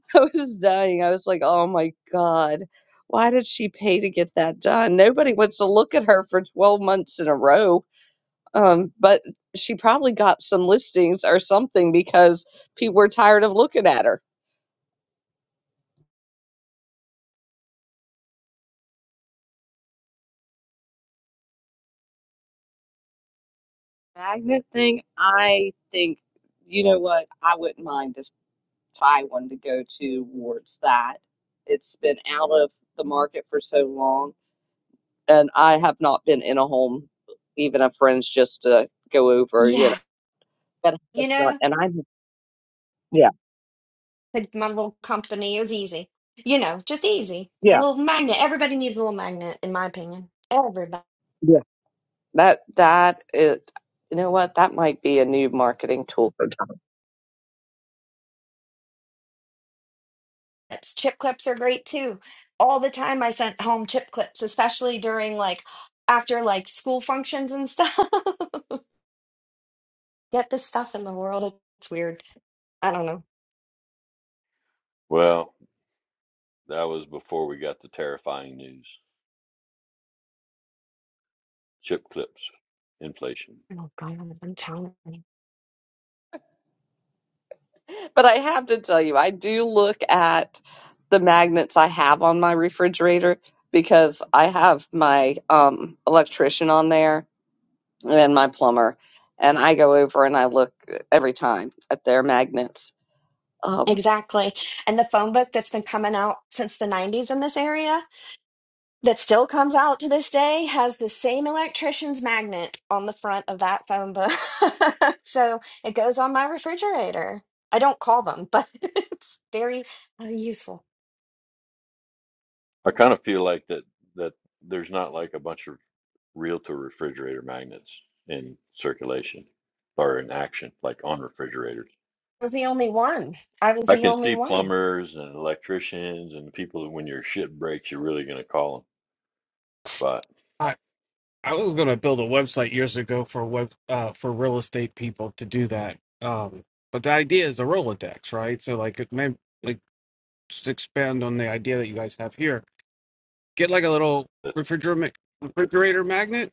Speaker 1: I was dying. I was like, oh my God, why did she pay to get that done? Nobody wants to look at her for 12 months in a row Um, but she probably got some listings or something because people were tired of looking at her. Magnet thing, I think, you know what? I wouldn't mind if Ty wanted to go towards that. It's been out of the market for so long. And I have not been in a home, even a friend's just to go over, you know,
Speaker 6: Yeah.
Speaker 1: that
Speaker 6: You
Speaker 1: has
Speaker 6: know.
Speaker 1: not, and I, yeah,
Speaker 6: Like my little company. It was easy. You know, just easy. A
Speaker 1: yeah,
Speaker 6: little magnet. Everybody needs a little magnet, in my opinion. Everybody.
Speaker 1: yeah. That, that is, you know what? That might be a new marketing tool. for
Speaker 6: Chip clips are great too. All the time I sent home chip clips, especially during like after like school functions and stuff. Get this stuff in the world. It's weird. I don't know.
Speaker 3: Well, that was before we got the terrifying news. Chip clips, inflation.
Speaker 6: Oh God, I'm telling you.
Speaker 1: But I have to tell you, I do look at the magnets I have on my refrigerator because I have my um, electrician on there and my plumber, and I go over and I look every time at their magnets. Um,
Speaker 6: Exactly. And the phone book that's been coming out since the 90s in this area. that still comes out to this day has the same electrician's magnet on the front of that phone book. so it goes on my refrigerator. I don't call them, but it's very uh, useful.
Speaker 3: I kind of feel like that that there's not like a bunch of real to refrigerator magnets in circulation or in action, like on refrigerators.
Speaker 6: I was the only one. I was
Speaker 3: I
Speaker 6: the
Speaker 3: can
Speaker 6: only
Speaker 3: see
Speaker 6: one.
Speaker 3: plumbers and electricians and people that when your shit breaks, you're really going to call them. But
Speaker 5: I I was gonna build a website years ago for web uh for real estate people to do that. Um but the idea is a Rolodex, right? So like it may like just expand on the idea that you guys have here. Get like a little
Speaker 3: that's,
Speaker 5: refrigerator refrigerator magnet,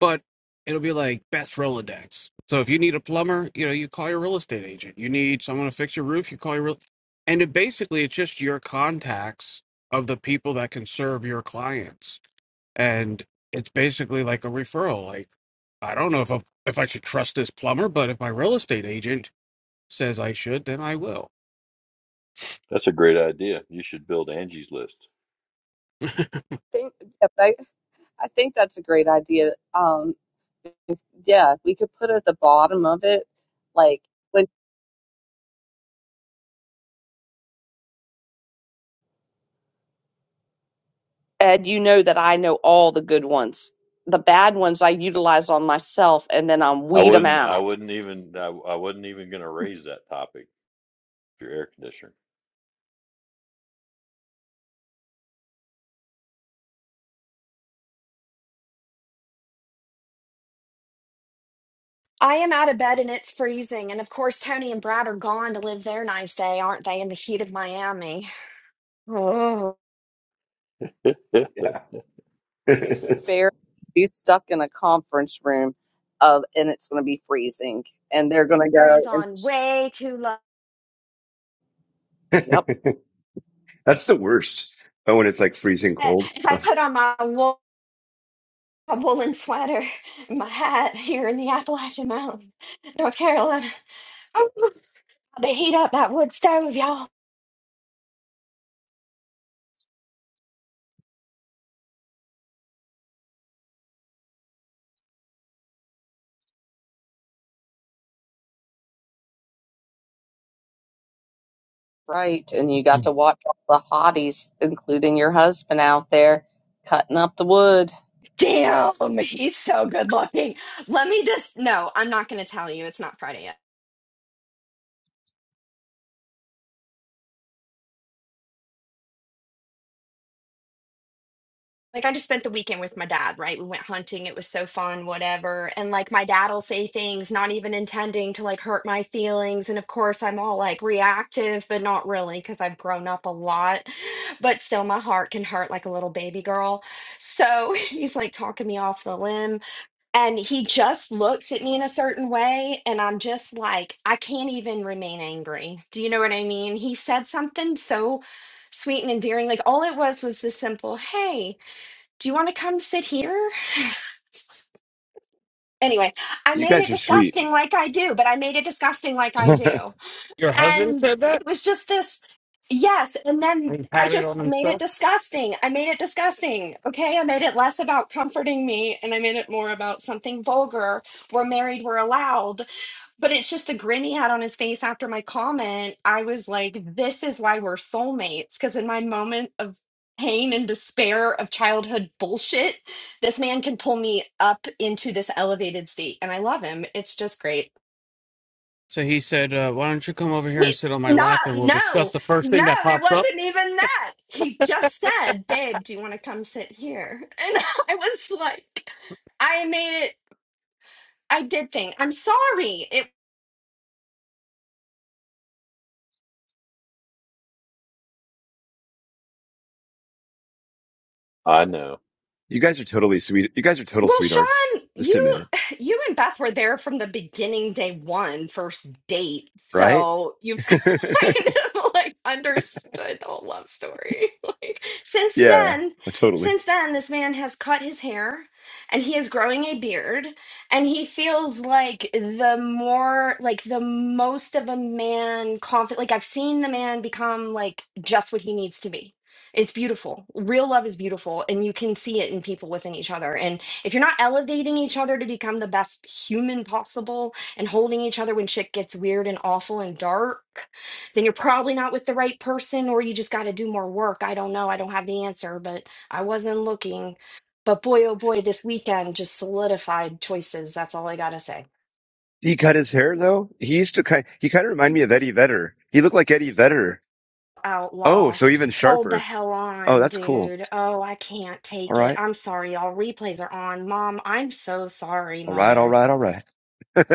Speaker 5: but it'll be like Beth Rolodex. So if you need a plumber, you know, you call your real estate agent. You need someone to fix your roof, you call your real and it basically it's just your contacts of the people that can serve your clients. And it's basically like a referral. Like I don't know if I, if I should trust this plumber, but if my real estate agent says I should, then I will.
Speaker 3: that's a great idea. You should build Angie's List.
Speaker 1: I think, yeah, I, I think that's a great idea. Um, yeah, we could put at the bottom of it, like, when, Ed, you know that I know all the good ones. The bad ones I utilize on myself, and then I
Speaker 3: I
Speaker 1: weed them
Speaker 3: wouldn't. I
Speaker 1: out
Speaker 3: wouldn't even. I, I wasn't even going to raise that topic. Your air conditioner.
Speaker 6: I am out of bed and it's freezing. And of course, Tony and Brad are gone to live their nice day, aren't they, in the heat of Miami?
Speaker 3: Yeah,
Speaker 9: Yeah.
Speaker 1: fair be stuck in a conference room of and it's going to be freezing and they're going to
Speaker 6: Oh, is
Speaker 1: go and
Speaker 6: on way too low.
Speaker 1: yep
Speaker 9: That's the worst. Oh, when it's like freezing cold.
Speaker 6: As I
Speaker 9: Ugh.
Speaker 6: put on my wool a woolen sweater, and my hat here in the Appalachian Mountain, North Carolina. Ooh, they heat up that wood stove, y'all.
Speaker 1: right and you got to watch all the hotties including your husband out there cutting up the wood
Speaker 6: Damn, he's so good looking. Let me just, no, I'm not going to tell you. It's not Friday yet. like I just spent the weekend with my dad, right? We went hunting. It was so fun, whatever. And like my dad will say things not even intending to like hurt my feelings. And of course, I'm all like reactive, but not really because I've grown up a lot. But still, my heart can hurt like a little baby girl. So he's like talking me off the limb. And he just looks at me in a certain way. And I'm just like, I can't even remain angry. Do you know what I mean? He said something so sweet and endearing. Like all it was was the simple, hey do you want to come sit here? Anyway, I
Speaker 9: You
Speaker 6: made
Speaker 9: guys
Speaker 6: it
Speaker 9: are sweet.
Speaker 6: disgusting like I do, but I made it disgusting like I
Speaker 9: you
Speaker 6: do.
Speaker 5: Your husband
Speaker 6: And
Speaker 5: said that?
Speaker 6: it was just this, yes. And then
Speaker 5: He
Speaker 6: I
Speaker 5: had it on
Speaker 6: just made
Speaker 5: himself?
Speaker 6: it disgusting. I made it disgusting. Okay. I made it less about comforting me and I made it more about something vulgar. We're married, we're allowed. But it's just the grin he had on his face after my comment. I was like, this is why we're soulmates. Because in my moment of pain and despair of childhood bullshit, this man can pull me up into this elevated state. And I love him. It's just great.
Speaker 5: So he said, uh, "Why don't you come over here and
Speaker 6: He,
Speaker 5: sit on my lap,
Speaker 6: not,
Speaker 5: and we'll discuss
Speaker 6: no,
Speaker 5: the first
Speaker 6: no,
Speaker 5: thing that
Speaker 6: it
Speaker 5: pops up."
Speaker 6: wasn't even that. He just said, babe, do you want to come sit here? And I was like, I made it. I did think. I'm sorry. It.
Speaker 3: I know.
Speaker 9: guys are totally sweet. You guys are total
Speaker 6: Well,
Speaker 9: sweethearts.
Speaker 6: Sean,
Speaker 9: Just
Speaker 6: you
Speaker 9: admit it.
Speaker 6: you and Beth were there from the beginning, day one, first date.
Speaker 9: Right?
Speaker 6: So you've kind of like understood the whole love story. Like since
Speaker 9: yeah,
Speaker 6: then,
Speaker 9: Oh, totally.
Speaker 6: since then, this man has cut his hair and he is growing a beard, and he feels like the more like the most of a man confident. Like I've seen the man become like just what he needs to be. It's beautiful. Real love is beautiful, and you can see it in people within each other. And if you're not elevating each other to become the best human possible and holding each other when shit gets weird and awful and dark, then you're probably not with the right person or you just got to do more work. I don't know. I don't have the answer, but I wasn't looking. But boy, oh boy, this weekend just solidified choices. That's all I got to say.
Speaker 9: He cut his hair though. He used to kind, he kind of reminded me of Eddie Vedder. He looked like Eddie Vedder. Oh,
Speaker 6: Outlaw.
Speaker 9: so even
Speaker 6: Hold the
Speaker 9: sharper.
Speaker 6: hell
Speaker 9: Oh,
Speaker 6: on,
Speaker 9: that's cool.
Speaker 6: dude. Oh, I can't
Speaker 9: All
Speaker 6: take it.
Speaker 9: right.
Speaker 6: I'm sorry, y'all. Replays are on. Mom, I'm so sorry,
Speaker 9: All right. All
Speaker 6: mother.
Speaker 9: right. All right.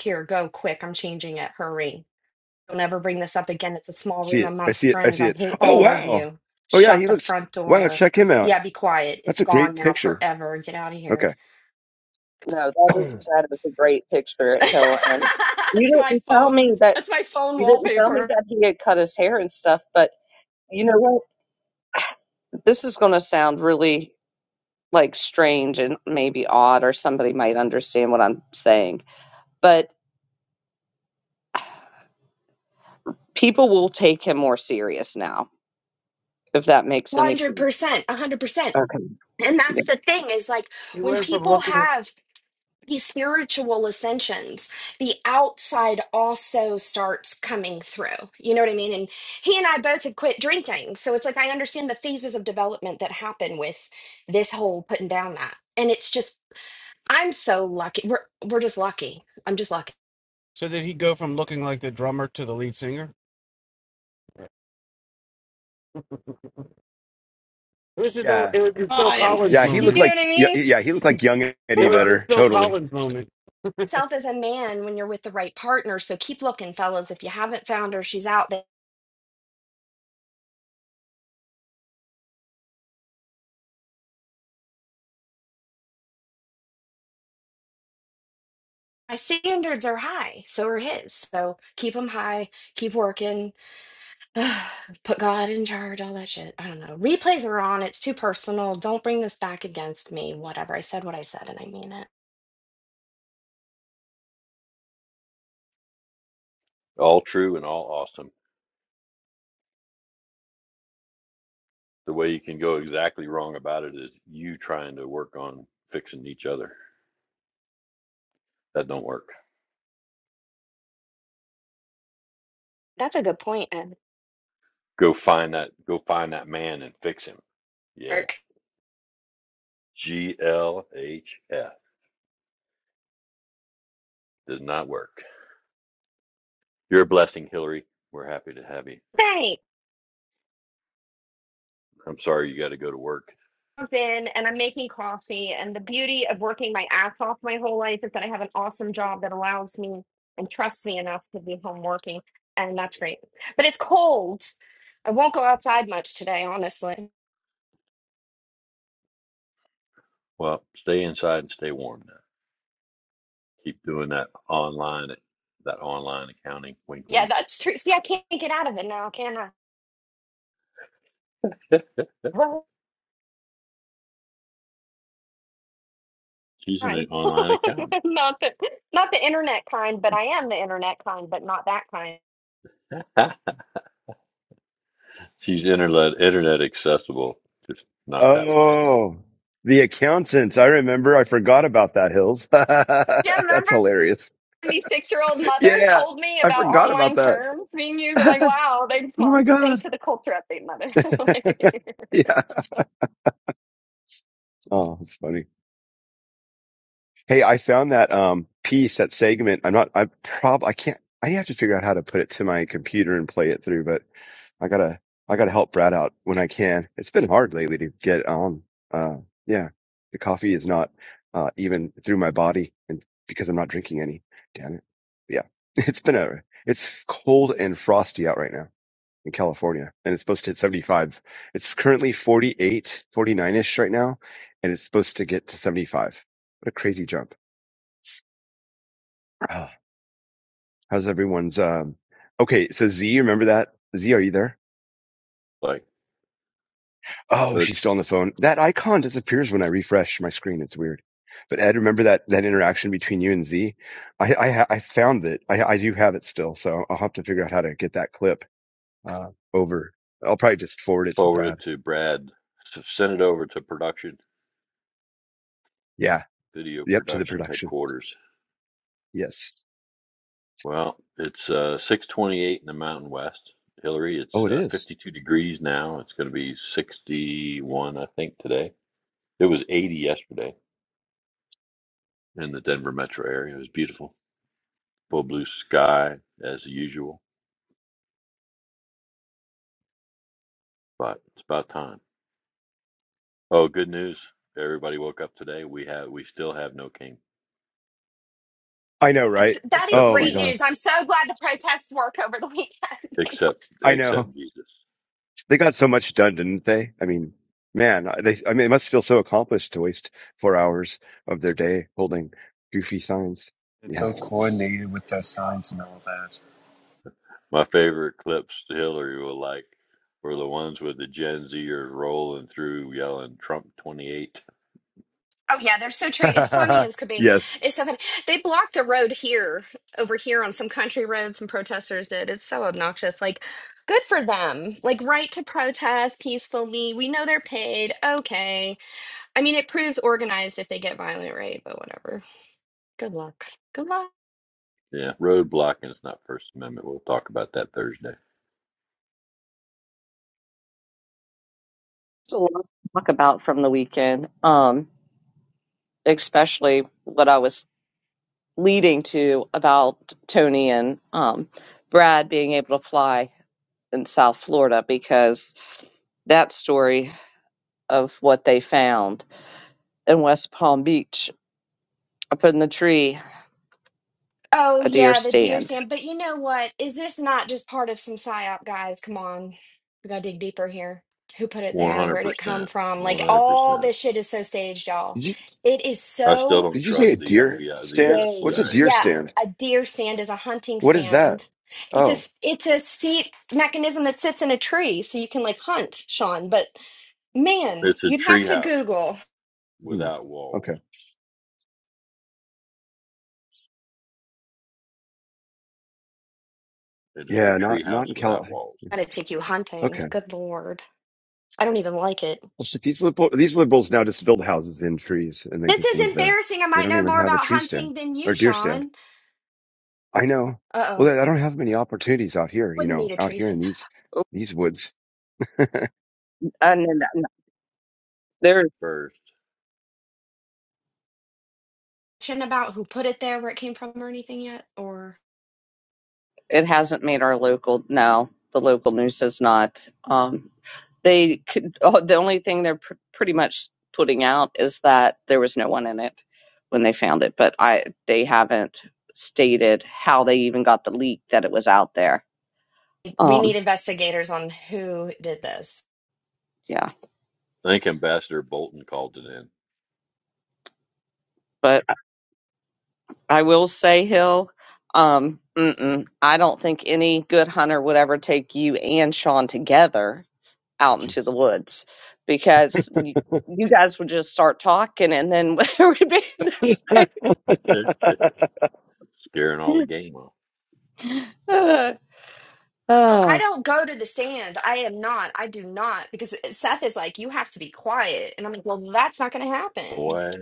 Speaker 6: Here, go quick. I'm changing it. Hurry. Don't ever bring this up again. It's a small
Speaker 9: see
Speaker 6: room
Speaker 9: it. I see
Speaker 6: amongst
Speaker 9: it. I
Speaker 6: friends.
Speaker 9: see
Speaker 6: I
Speaker 9: it.
Speaker 6: hate
Speaker 9: Oh,
Speaker 6: all of
Speaker 9: wow.
Speaker 6: you.
Speaker 9: Oh yeah.
Speaker 6: Shut
Speaker 9: He
Speaker 6: the
Speaker 9: looks,
Speaker 6: front
Speaker 9: wow.
Speaker 6: door.
Speaker 9: Check him out.
Speaker 6: Yeah, be quiet.
Speaker 9: That's
Speaker 6: It's
Speaker 9: a great
Speaker 6: gone now
Speaker 9: picture.
Speaker 6: forever. Get out of here.
Speaker 9: Okay.
Speaker 1: no that is that is a great picture at hill and
Speaker 6: that's
Speaker 1: you
Speaker 6: my
Speaker 1: didn't tell
Speaker 6: phone.
Speaker 1: me that
Speaker 6: That's my phone
Speaker 1: you didn't tell me
Speaker 6: wallpaper.
Speaker 1: that he had cut his hair and stuff but you know what this is going to sound really like strange and maybe odd or somebody might understand what i'm saying But People will take him more serious now, if that makes any sense.
Speaker 6: 100%. 100%.
Speaker 1: Okay.
Speaker 6: And
Speaker 1: Yeah.
Speaker 6: that's the thing is like
Speaker 5: He
Speaker 6: when
Speaker 5: went from
Speaker 6: people
Speaker 5: looking.
Speaker 6: have these spiritual ascensions the outside also starts coming through you know what i mean and he and i both have quit drinking so it's like i understand the phases of development that happen with this whole putting down that and it's just i'm so lucky we're we're just lucky i'm just lucky
Speaker 5: So did he go from looking like the drummer to the lead singer? It was his own.
Speaker 9: yeah.
Speaker 5: It was his Phil
Speaker 6: i am
Speaker 5: Collins
Speaker 9: Yeah, he
Speaker 6: do
Speaker 9: looked
Speaker 6: you
Speaker 5: moment.
Speaker 6: know
Speaker 9: like
Speaker 6: what i
Speaker 9: yeah,
Speaker 6: mean
Speaker 9: yeah, he looked like young
Speaker 5: It
Speaker 9: Eddie
Speaker 5: was his
Speaker 9: Vedder,
Speaker 5: Phil
Speaker 9: totally.
Speaker 5: Collins moment.
Speaker 6: self as a man when you're with the right partner so keep looking fellas if you haven't found her she's out there my standards are high so are his so keep them high keep working Put God in charge, all that shit. I don't know. Replays are on. It's too personal. Don't bring this back against me. Whatever. I said what I said and I mean it.
Speaker 3: All true and all awesome. The way you can go exactly wrong about it is you trying to work on fixing each other. That don't work.
Speaker 6: That's a good point, Ed.
Speaker 3: Go find that. Go find that man and fix him. Yeah.
Speaker 6: Work.
Speaker 3: G L H F does not work. You're a blessing, Hillary. We're happy to have you.
Speaker 6: Hey,
Speaker 3: I'm sorry you got to go to work.
Speaker 6: I'm in and I'm making coffee. And the beauty of working my ass off my whole life is that I have an awesome job that allows me and trusts me enough to be home working. And that's great. But it's cold. I won't go outside much today, honestly.
Speaker 3: Well, stay inside and stay warm now. Keep doing that online, that online accounting. Wink,
Speaker 6: Yeah,
Speaker 3: wink.
Speaker 6: that's true. See, I can't get out of it now, can I?
Speaker 3: She's
Speaker 6: kind.
Speaker 3: an
Speaker 6: not
Speaker 3: online accountant.
Speaker 6: the not the internet kind, but I am the internet kind, but not that kind.
Speaker 3: She's internet internet accessible, just not that way.
Speaker 9: Oh, the accountants. I remember. I forgot about that, Hills.
Speaker 6: Yeah,
Speaker 9: That's
Speaker 6: remember
Speaker 9: hilarious.
Speaker 6: my six-year-old mother
Speaker 9: Yeah,
Speaker 6: told me
Speaker 9: I
Speaker 6: about
Speaker 9: forgot about
Speaker 6: online
Speaker 9: that.
Speaker 6: terms being used. I'm like,
Speaker 9: oh
Speaker 6: wow, thanks,
Speaker 9: my
Speaker 6: mom.
Speaker 9: God.
Speaker 6: Thanks for the culture update, mother.
Speaker 9: yeah. Oh, it's funny. Hey, I found that um piece, that segment. I'm not, I prob, I can't, I have to figure out how to put it to my computer and play it through, But. I gotta I gotta help Brad out when I can. It's been hard lately to get on. Uh, yeah, the coffee is not uh, even through my body, and because I'm not drinking any. Damn it. Yeah, it's been a it's cold and frosty out right now in California, and it's supposed to hit 75. It's currently 48, 49 ish right now, and it's supposed to get to 75. What a crazy jump! Ah, How's everyone's? Um, okay, so Z, remember that? Z, are you there?
Speaker 3: Like,
Speaker 9: Oh, she's
Speaker 3: let's
Speaker 9: still on the phone. That icon disappears when I refresh my screen. It's weird. But Ed, remember that, that interaction between you and Z? I, I, ha- I found it. I, I do have it still. So I'll have to figure out how to get that clip, uh, over. I'll probably just forward it to
Speaker 3: forward
Speaker 9: Brad.
Speaker 3: it to Brad. So send it over to production,
Speaker 9: Yeah.
Speaker 3: video
Speaker 9: Yep. To the
Speaker 3: production
Speaker 9: production.
Speaker 3: headquarters.
Speaker 9: Yes.
Speaker 3: Well, it's uh, 628 in the Mountain West. Hillary, it's
Speaker 9: Oh, it
Speaker 3: uh,
Speaker 9: is.
Speaker 3: 52 degrees now. It's going to be 61, I think, today. It was 80 yesterday in the Denver metro area. It was beautiful. Full blue sky, as usual, but it's about time. Oh, good news. Everybody woke up today. We have, we still have no king
Speaker 9: I know,
Speaker 6: That's,
Speaker 9: right?
Speaker 6: that is
Speaker 3: except
Speaker 9: Oh my
Speaker 6: great
Speaker 3: Jesus,
Speaker 9: gosh.
Speaker 6: news. I'm so glad the protests work over the weekend.
Speaker 3: except,
Speaker 9: I know.
Speaker 3: except Jesus.
Speaker 9: They got so much done, didn't they? I mean, man, they, I mean, it must feel so accomplished to waste four hours of their day holding goofy signs.
Speaker 10: It's
Speaker 9: Yeah.
Speaker 10: so coordinated with their signs and all that.
Speaker 3: My favorite clips Hillary will like were the ones with the Gen Zers rolling through yelling Trump 28.
Speaker 6: Oh yeah, they're so true. It's funny as could be.
Speaker 9: yes.
Speaker 6: It's so funny. They blocked a road here, over here on some country road. Some protesters did. It's so obnoxious. Like, good for them. Like, right to protest peacefully. We know they're paid. Okay. I mean, it proves organized if they get violent, right? But whatever. Good luck. Good luck.
Speaker 3: Yeah, road blocking is not First Amendment. We'll talk about that Thursday.
Speaker 1: It's a lot to talk about from the weekend, um, especially what I was leading to about Tony and um, Brad being able to fly in South Florida because that story of what they found in West Palm Beach up in the tree
Speaker 6: Oh
Speaker 1: a deer
Speaker 6: yeah, the deer
Speaker 1: stand.
Speaker 6: stand. But you know what? Is this not just part of some psyop, guys? Come on, we gotta dig deeper here. Who put it
Speaker 3: One
Speaker 6: there?
Speaker 3: hundred
Speaker 6: Where'd it come
Speaker 3: percent,
Speaker 6: from? Like
Speaker 3: one hundred
Speaker 6: all
Speaker 3: percent.
Speaker 6: this shit is so staged, y'all.
Speaker 9: Did you
Speaker 6: It is
Speaker 3: I still
Speaker 6: so
Speaker 3: don't
Speaker 9: did you say
Speaker 3: trust
Speaker 9: a
Speaker 3: the
Speaker 9: deer
Speaker 3: FBI, the uh,
Speaker 9: stand? What's a
Speaker 3: CIA.
Speaker 6: staged.
Speaker 9: deer
Speaker 6: Yeah,
Speaker 9: stand?
Speaker 6: a deer stand is a hunting
Speaker 9: What is that?
Speaker 6: stand. It's a
Speaker 9: Oh,
Speaker 6: s- it's a seat mechanism that sits in a tree, so you can like hunt, Sean. But man,
Speaker 3: It's a
Speaker 6: you'd have to
Speaker 3: treehouse
Speaker 6: Google.
Speaker 9: hmm.
Speaker 3: without walls.
Speaker 9: okay.
Speaker 3: It is
Speaker 9: Yeah,
Speaker 3: a
Speaker 9: not not
Speaker 3: treehouse
Speaker 9: in
Speaker 3: without
Speaker 9: Cali.
Speaker 3: walls.
Speaker 6: Gotta take you hunting.
Speaker 9: Okay.
Speaker 6: Good lord, I don't even like it.
Speaker 9: Well, shit, these liberal, these liberals now just build houses in trees and they
Speaker 6: This
Speaker 9: just
Speaker 6: is
Speaker 9: live there.
Speaker 6: embarrassing. I
Speaker 9: They
Speaker 6: might
Speaker 9: don't
Speaker 6: know
Speaker 9: even
Speaker 6: more
Speaker 9: have a
Speaker 6: about
Speaker 9: tree stand
Speaker 6: hunting than
Speaker 9: or
Speaker 6: you,
Speaker 9: deer stand.
Speaker 6: Sean.
Speaker 9: I know.
Speaker 6: Uh
Speaker 9: Well,
Speaker 6: oh.
Speaker 9: I I don't have many opportunities out here, you
Speaker 6: Wouldn't need
Speaker 9: know,
Speaker 6: a
Speaker 9: out
Speaker 6: tree
Speaker 9: here
Speaker 6: stand.
Speaker 9: in these these woods.
Speaker 1: And then that- there,
Speaker 3: First,
Speaker 6: Shouldn't about who put it there, where it came from, or anything yet? Or
Speaker 1: it hasn't made our local, no, the local news has not. Um, they could, oh, the only thing they're pr pretty much putting out is that there was no one in it when they found it, but I, they haven't stated how they even got the leak that it was out there.
Speaker 6: we
Speaker 1: um,
Speaker 6: need investigators on who did this.
Speaker 1: Yeah,
Speaker 3: I think Ambassador Bolton called it
Speaker 1: but I I will say, Hill, um, mm-mm, I don't think any good hunter would ever take you and Sean together out into the
Speaker 9: Jeez.
Speaker 1: woods because you, you guys would just start talking, and then there would be
Speaker 3: in, scaring all the game off.
Speaker 1: uh,
Speaker 6: No, I
Speaker 1: uh,
Speaker 6: don't go to the stand. I am not. I do not. Because Seth is like, you have to be quiet. And I'm like, well, that's not going to happen.
Speaker 3: Boy,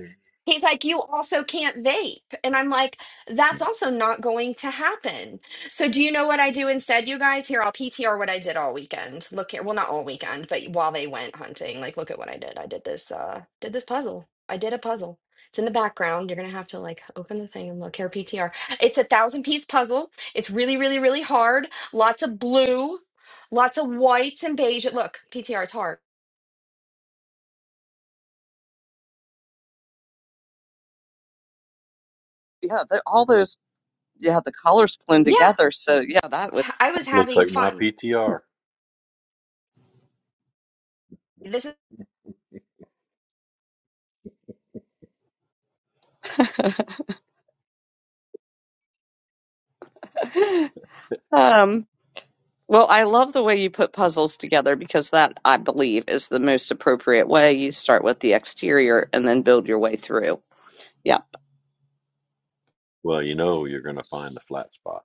Speaker 6: He's like, you also can't vape. And I'm like, that's also not going to happen. So, do you know what I do instead, you guys? Here, I'll PTR what I did all weekend. Look here. Well, not all weekend, but while they went hunting, like, look at what I did. I did this, uh, did this puzzle. I did a puzzle. It's in the background. You're going to have to like open the thing and look here, PTR. It's a thousand piece puzzle. It's really, really, really hard. Lots of blue, lots of whites and beige. Look, PTR, it's hard.
Speaker 1: yeah, the, all those yeah the collars blend
Speaker 6: Yeah,
Speaker 1: together, so yeah, that would
Speaker 6: I was
Speaker 3: looks
Speaker 6: having
Speaker 3: like my
Speaker 6: fun
Speaker 3: PTR.
Speaker 6: This
Speaker 1: um. Well, I love the way you put puzzles together because that, I believe, is the most appropriate way. You start with the exterior and then build your way through. Yeah.
Speaker 3: Well, you know you're going to find a flat spot,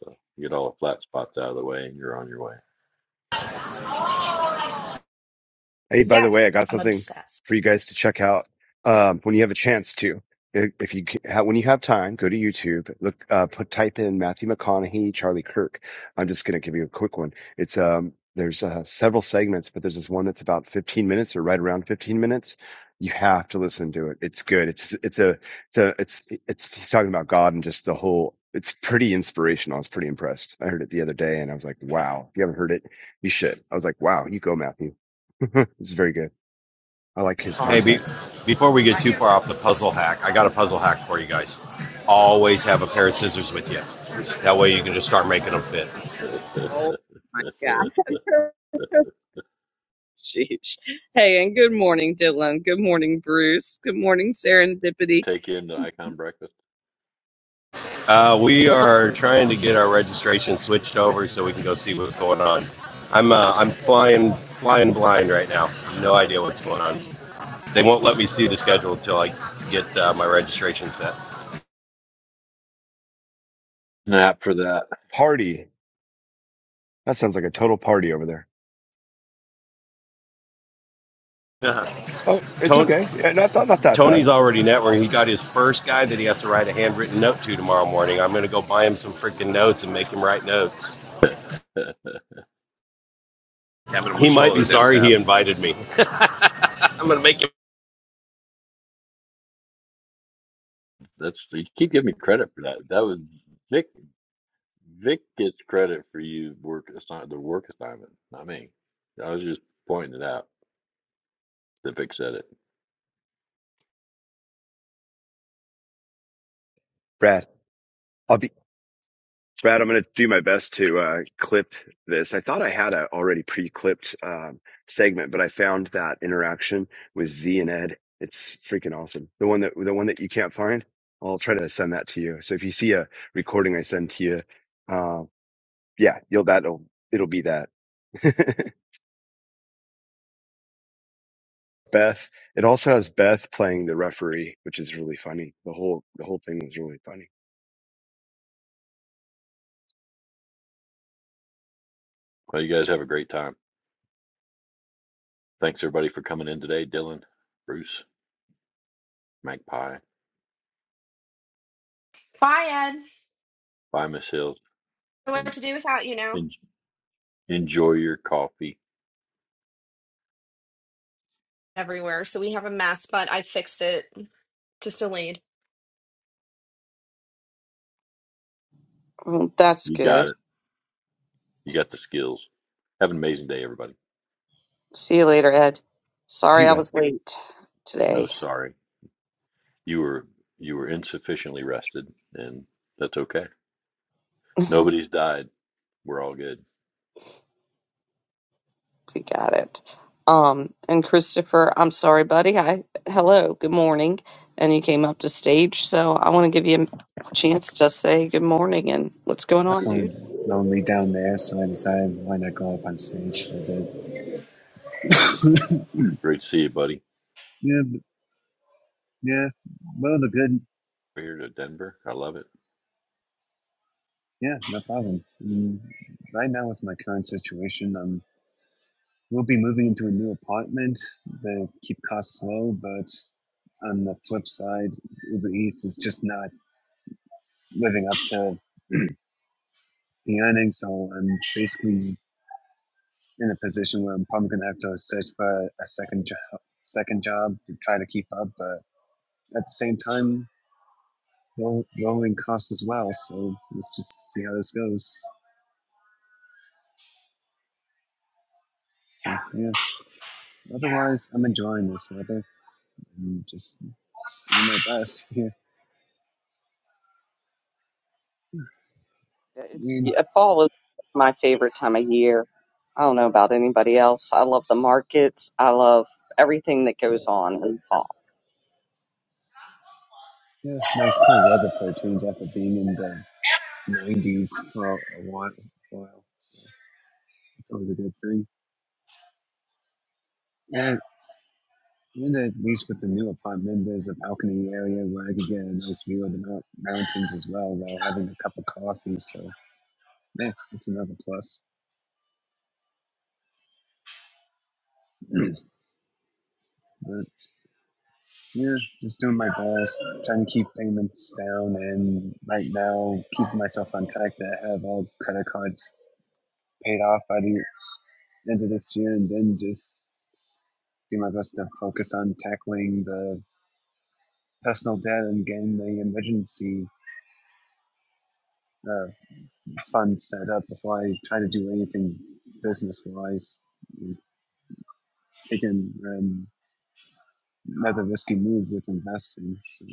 Speaker 3: so get all the flat spots out of the way, and you're on your
Speaker 9: Hey, by the
Speaker 6: Yeah,
Speaker 9: way, I got
Speaker 6: I'm
Speaker 9: something
Speaker 6: obsessed.
Speaker 9: for you guys to check out um, when you have a chance to. If if you ca- ha- when you have time, go to YouTube. Look, uh, put type in Matthew McConaughey, Charlie Kirk. I'm just gonna give you a quick one. It's um, there's uh, several segments, but there's this one that's about 15 minutes or right around 15 minutes. You have to listen to it. It's good. It's it's a it's a it's it's he's talking about God and just the whole. It's pretty inspirational. I was pretty impressed. I heard it the other day and I was like, wow. If you haven't heard it, you should. I was like, wow. You go, Matthew. It's very good. I like his
Speaker 7: Hey, be,
Speaker 9: content.
Speaker 7: before we get too far off the puzzle hack, I got a puzzle hack for you guys. Always have a pair of scissors with you. That way you can just start making them fit.
Speaker 1: Oh my
Speaker 3: way.
Speaker 1: God. Sheesh. Hey, and good morning, Dylan. Good morning, Bruce. Good morning,
Speaker 3: you
Speaker 1: Serendipity.
Speaker 3: take in the icon breakfast.
Speaker 7: Uh, we are trying to get our registration switched over so we can go see what's going on. I'm uh, I'm flying flying blind right now. No idea what's going on. They won't let me see the schedule until I get uh, my registration set.
Speaker 3: Not for that.
Speaker 9: Party. That sounds like a total party over there.
Speaker 7: Uh-huh.
Speaker 9: Oh, it's
Speaker 7: Tony,
Speaker 9: okay. Yeah, not not, not that
Speaker 7: Tony's
Speaker 9: bad.
Speaker 7: already networking. He got his first guy that he has to write a handwritten note to tomorrow morning. I'm going to go buy him some freaking notes and make him write notes. He might be sorry he invited me.
Speaker 3: That's you keep giving me credit for that. That was Vic. Vic gets credit for you work assign the work assignment, not me. I was just pointing it out that Vic said it.
Speaker 9: Brad, I'll be Brad. I'm gonna do my best to uh, clip this. I thought I had a already pre-clipped um, segment, but I found that interaction with Z and Ed. It's freaking awesome. The one that the one that you can't find. Well, I'll try to send that to you. So if you see a recording I send to you, uh, yeah, you'll that'll it'll be that. Beth. It also has Beth playing the referee, which is really funny. The whole the whole thing was really funny.
Speaker 3: Well, you guys have a great time. Thanks everybody for coming in today. Dylan, Bruce, Magpie,
Speaker 6: Bye, Ed.
Speaker 3: bye Miss Hills,
Speaker 6: Don't know
Speaker 3: and,
Speaker 6: What to do without you now?
Speaker 3: and enjoy your coffee.
Speaker 6: Everywhere. So we have a mess, but I fixed it. Just delayed.
Speaker 1: Well, that's
Speaker 3: You got
Speaker 1: good.
Speaker 3: it. You got the skills. Have an amazing day, everybody.
Speaker 1: See you later, Ed.
Speaker 9: Did
Speaker 1: Sorry I
Speaker 9: Beth?
Speaker 1: was late
Speaker 3: No
Speaker 1: today.
Speaker 3: sorry. You were you were insufficiently rested, and that's okay. Nobody's died. We're all good.
Speaker 1: We got it. Um, and Christopher, I'm sorry, buddy. I hello, good morning. And you came up to stage, so I want to give you a chance to say good morning and what's going
Speaker 10: I'm
Speaker 1: on, dude.
Speaker 10: feeling lonely down there, so I decided why not go up on stage for a bit.
Speaker 3: Great to see you, buddy.
Speaker 10: Yeah, yeah. Well, the good.
Speaker 3: We're here to Denver. I love it.
Speaker 10: Yeah, no problem. Mm, right now, with my current situation, um, we'll be moving into a new apartment. They keep costs low, but on the flip side, Uber Eats is just not living up to the earnings, so I'm basically in a position where I'm probably gonna have to search for a second job, second job to try to keep up. But at the same time, low- lowering costs as well. So let's just see how this goes. Yeah. yeah. Otherwise, I'm enjoying this weather. I'm just doing my best. Yeah.
Speaker 1: Yeah,
Speaker 10: I
Speaker 1: It's
Speaker 10: mean,
Speaker 1: yeah, fall is my favorite time of year. I don't know about anybody else. I love the markets. I love everything that goes on in fall.
Speaker 10: yeah, nice cool weather for a change after being in the 90s for a while. while. So it's always a good thing. Yeah. and at least with the new apartment, there's a balcony area where I could get a nice view of the mount- mountains as well while having a cup of coffee. So, yeah, it's another plus. But Yeah, just doing my best, trying to keep payments down, and right now keeping myself on track to have all credit cards paid off by the end of this year, and then just do my best to focus on tackling the personal debt and getting the emergency uh, fund set up before I try to do anything business wise. Taking um, another risky move with investing. So,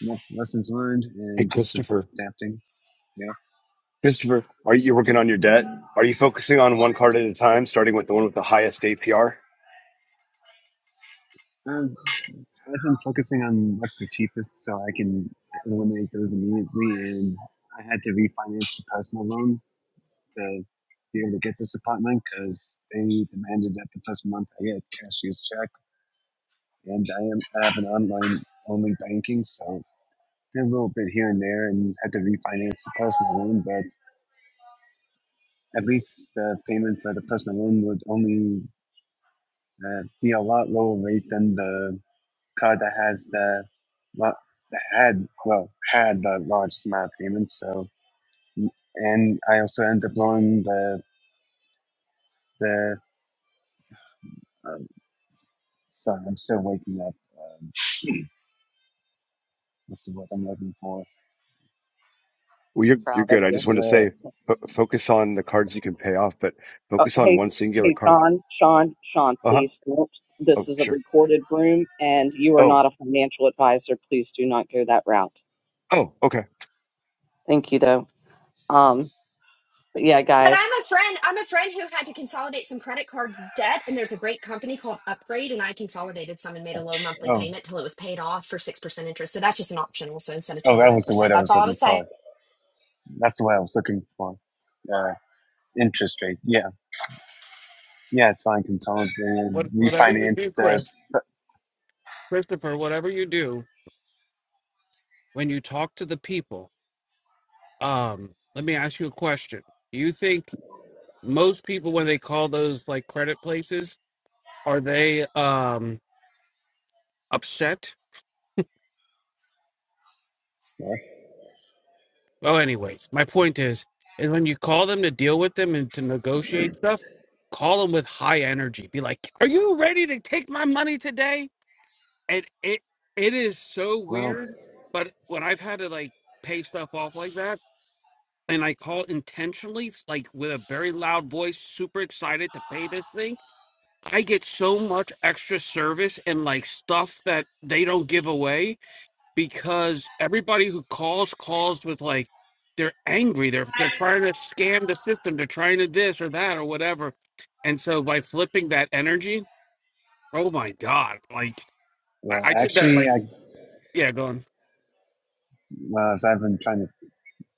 Speaker 10: yeah, lessons learned
Speaker 9: Hey,
Speaker 10: and just
Speaker 9: Christopher.
Speaker 10: adapting. Yeah.
Speaker 9: Christopher, are you working on your debt? Are you focusing on one card at a time, starting with the one with the highest APR?
Speaker 10: Um, I've been focusing on what's the cheapest so I can eliminate those immediately. And I had to refinance the personal loan to be able to get this apartment because they demanded that the first month I get a cashier's check. And I am I have an online only banking, so did a little bit here and there and had to refinance the personal loan. But at least the payment for the personal loan would only uh, be a lot lower rate than the card that has the lo- that had well had the largest amount of payments. So and I also ended up blowing the the um, sorry, I'm still waking up. Um, what's the word I'm looking for?
Speaker 9: Well, you're you're
Speaker 1: Proud of
Speaker 9: good. I
Speaker 1: you.
Speaker 9: just wanted to
Speaker 10: The,
Speaker 9: say, fo- focus on the cards you can pay off, but
Speaker 1: Uh,
Speaker 9: focus on
Speaker 1: hey,
Speaker 9: one
Speaker 1: S-
Speaker 9: singular
Speaker 1: hey,
Speaker 9: card.
Speaker 1: Sean, Sean, Sean,
Speaker 9: Uh huh.
Speaker 1: please. don't. This
Speaker 9: Oh,
Speaker 1: is a
Speaker 9: sure.
Speaker 1: recorded room, and you are
Speaker 9: Oh,
Speaker 1: not a financial advisor. Please do not go that route.
Speaker 9: oh, okay.
Speaker 1: Thank you, though. Um, but yeah,
Speaker 6: But
Speaker 1: guys,
Speaker 6: I'm a friend. I'm a friend who had to consolidate some credit card debt, and there's a great company called Upgrade, and I consolidated some and made a low monthly
Speaker 10: oh
Speaker 6: payment till it was paid off for six percent interest. So that's just an option, also instead of
Speaker 10: oh
Speaker 6: twenty
Speaker 10: that
Speaker 6: nine
Speaker 10: was the word
Speaker 6: percent.
Speaker 10: I
Speaker 6: That's
Speaker 10: was
Speaker 6: all I
Speaker 10: looking
Speaker 6: was saying.
Speaker 10: for. That's the word I was looking for. Uh, interest rate. Yeah yeah it's fine. Consolidated
Speaker 5: What, whatever you do,
Speaker 10: refinance the.
Speaker 5: Chris, Christopher, whatever you do, when you talk to the people, um, let me ask you a question. Do you think most people, when they call those like credit places, are they? Um, upset. Well, anyways, my point is, is when you call them to deal with them and to negotiate stuff, call them with high energy. Be like, "Are you ready to take my money today?" And it it is so
Speaker 10: Well,
Speaker 5: weird, but when I've had to like pay stuff off like that, and I call intentionally, like with a very loud voice, super excited to pay this thing, I get so much extra service and like stuff that they don't give away because everybody who calls calls with like they're angry they're they're trying to scam the system they're trying to this or that or whatever and so by flipping that energy oh my god like i,
Speaker 10: well,
Speaker 5: I did that
Speaker 10: actually,
Speaker 5: like
Speaker 10: I
Speaker 5: yeah going
Speaker 10: well, as I've been trying to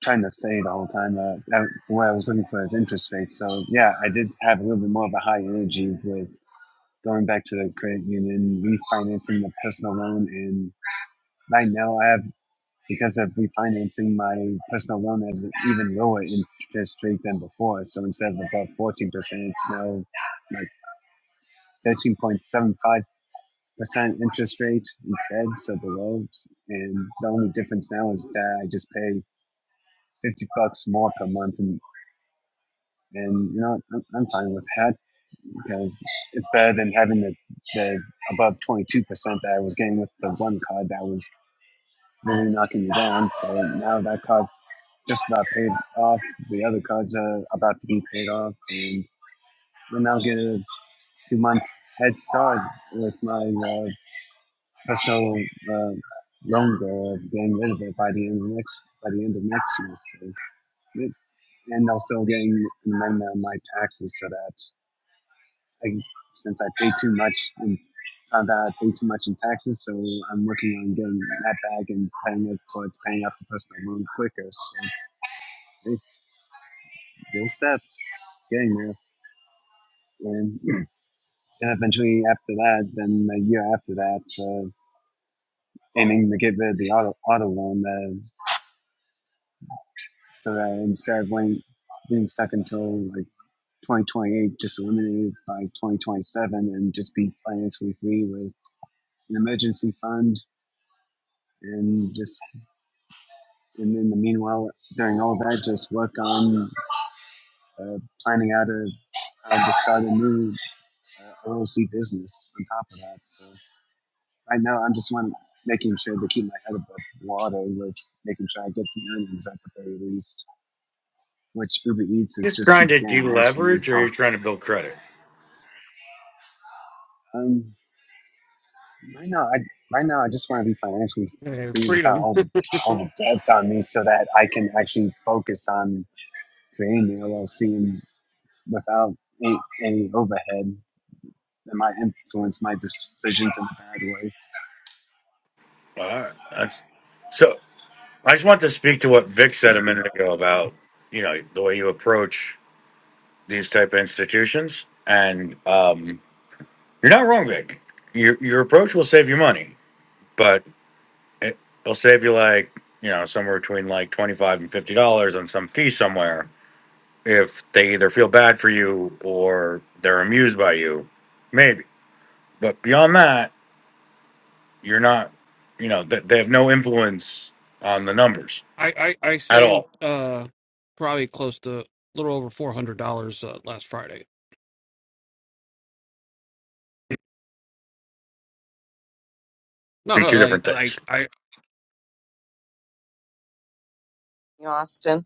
Speaker 10: trying to say the whole time. Uh, that- what I was looking for is interest rates. So yeah, I did have a little bit more of a high energy with going back to the credit union, refinancing the personal loan, and right now I have because of refinancing my personal loan has an even lower interest rate than before. So instead of about fourteen percent, it's now like thirteen point seven five percent interest rate instead, so below. And the only difference now is that I just pay fifty bucks more per month in And you know, I'm, I'm fine with that because it's better than having the, the above 22% that I was getting with the one card that was really knocking me down. So now that card's just about paid off. The other cards are about to be paid off. And we're now getting a two month head start with my uh, personal uh, loan goal of getting rid of it by the end of next, by the end of next year. So, yeah, and also getting an amendment on my taxes so that I, since I pay too much and found out I pay too much in taxes, so I'm working on getting that back and paying it towards paying off the personal loan quicker. So hey, little steps, getting there. And eventually, after that, then a year after that, uh, aiming to get rid of the auto auto loan, uh, so that instead of waiting, being stuck until like 2028, just eliminated by 2027, and just be financially free with an emergency fund and just and in the meanwhile, during all that, just work on uh, planning out a how to start a new uh, LLC business on top of that. So right now, I'm just one making sure to keep my head above water with making sure I get the earnings at the very least, which Uber Eats is
Speaker 11: just
Speaker 10: just
Speaker 11: trying
Speaker 10: keeps
Speaker 11: to
Speaker 10: getting worse for you.
Speaker 11: deleverage or
Speaker 10: So
Speaker 11: you're trying to build credit?
Speaker 10: um, right now, I right now I just want to be financially
Speaker 5: uh,
Speaker 10: free without
Speaker 5: freedom
Speaker 10: all the- all the debt on me, so that I can actually focus on creating the LLC and without any, any overhead It might influence my decisions in a bad way.
Speaker 11: All right. That's so I just want to speak to what Vic said a minute ago about, you know, the way you approach these type of institutions. And um, you're not wrong, Vic. Your your approach will save you money, but it, it'll save you like, you know, somewhere between like twenty five and fifty dollars on some fee somewhere if they either feel bad for you or they're amused by you. Maybe. But beyond that, You're not, you know, they, they have no influence on the numbers
Speaker 5: I, I i
Speaker 11: at
Speaker 5: saved
Speaker 11: all.
Speaker 5: uh probably close to a little over four hundred dollars uh, last friday no
Speaker 11: Be
Speaker 5: no
Speaker 11: two different
Speaker 5: like
Speaker 11: things.
Speaker 5: like i
Speaker 1: you know, Austin.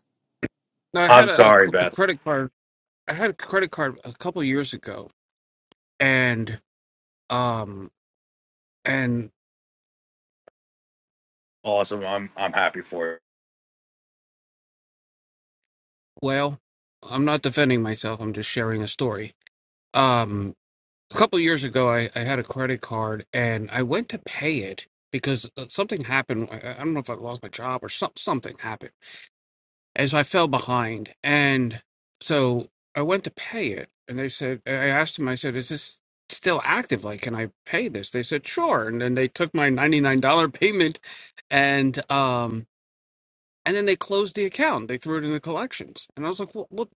Speaker 5: i had
Speaker 11: I'm
Speaker 1: But
Speaker 5: a, a,
Speaker 11: sorry,
Speaker 5: a
Speaker 11: Beth.
Speaker 5: credit card i had a credit card a couple years ago and um and
Speaker 11: Awesome. I'm I'm happy for you.
Speaker 5: Well, I'm not defending myself. I'm just sharing a story. Um, a couple years ago, I, I had a credit card and I went to pay it because uh, something happened. I, I don't know if I lost my job or some, something happened. And so I fell behind. And so I went to pay it. And they said, I asked them, I said, is this still active? Like, can I pay this? They said, sure. And then they took my $99 payment and, um, and then they closed the account. They threw it in the collections. And I was like, well, what?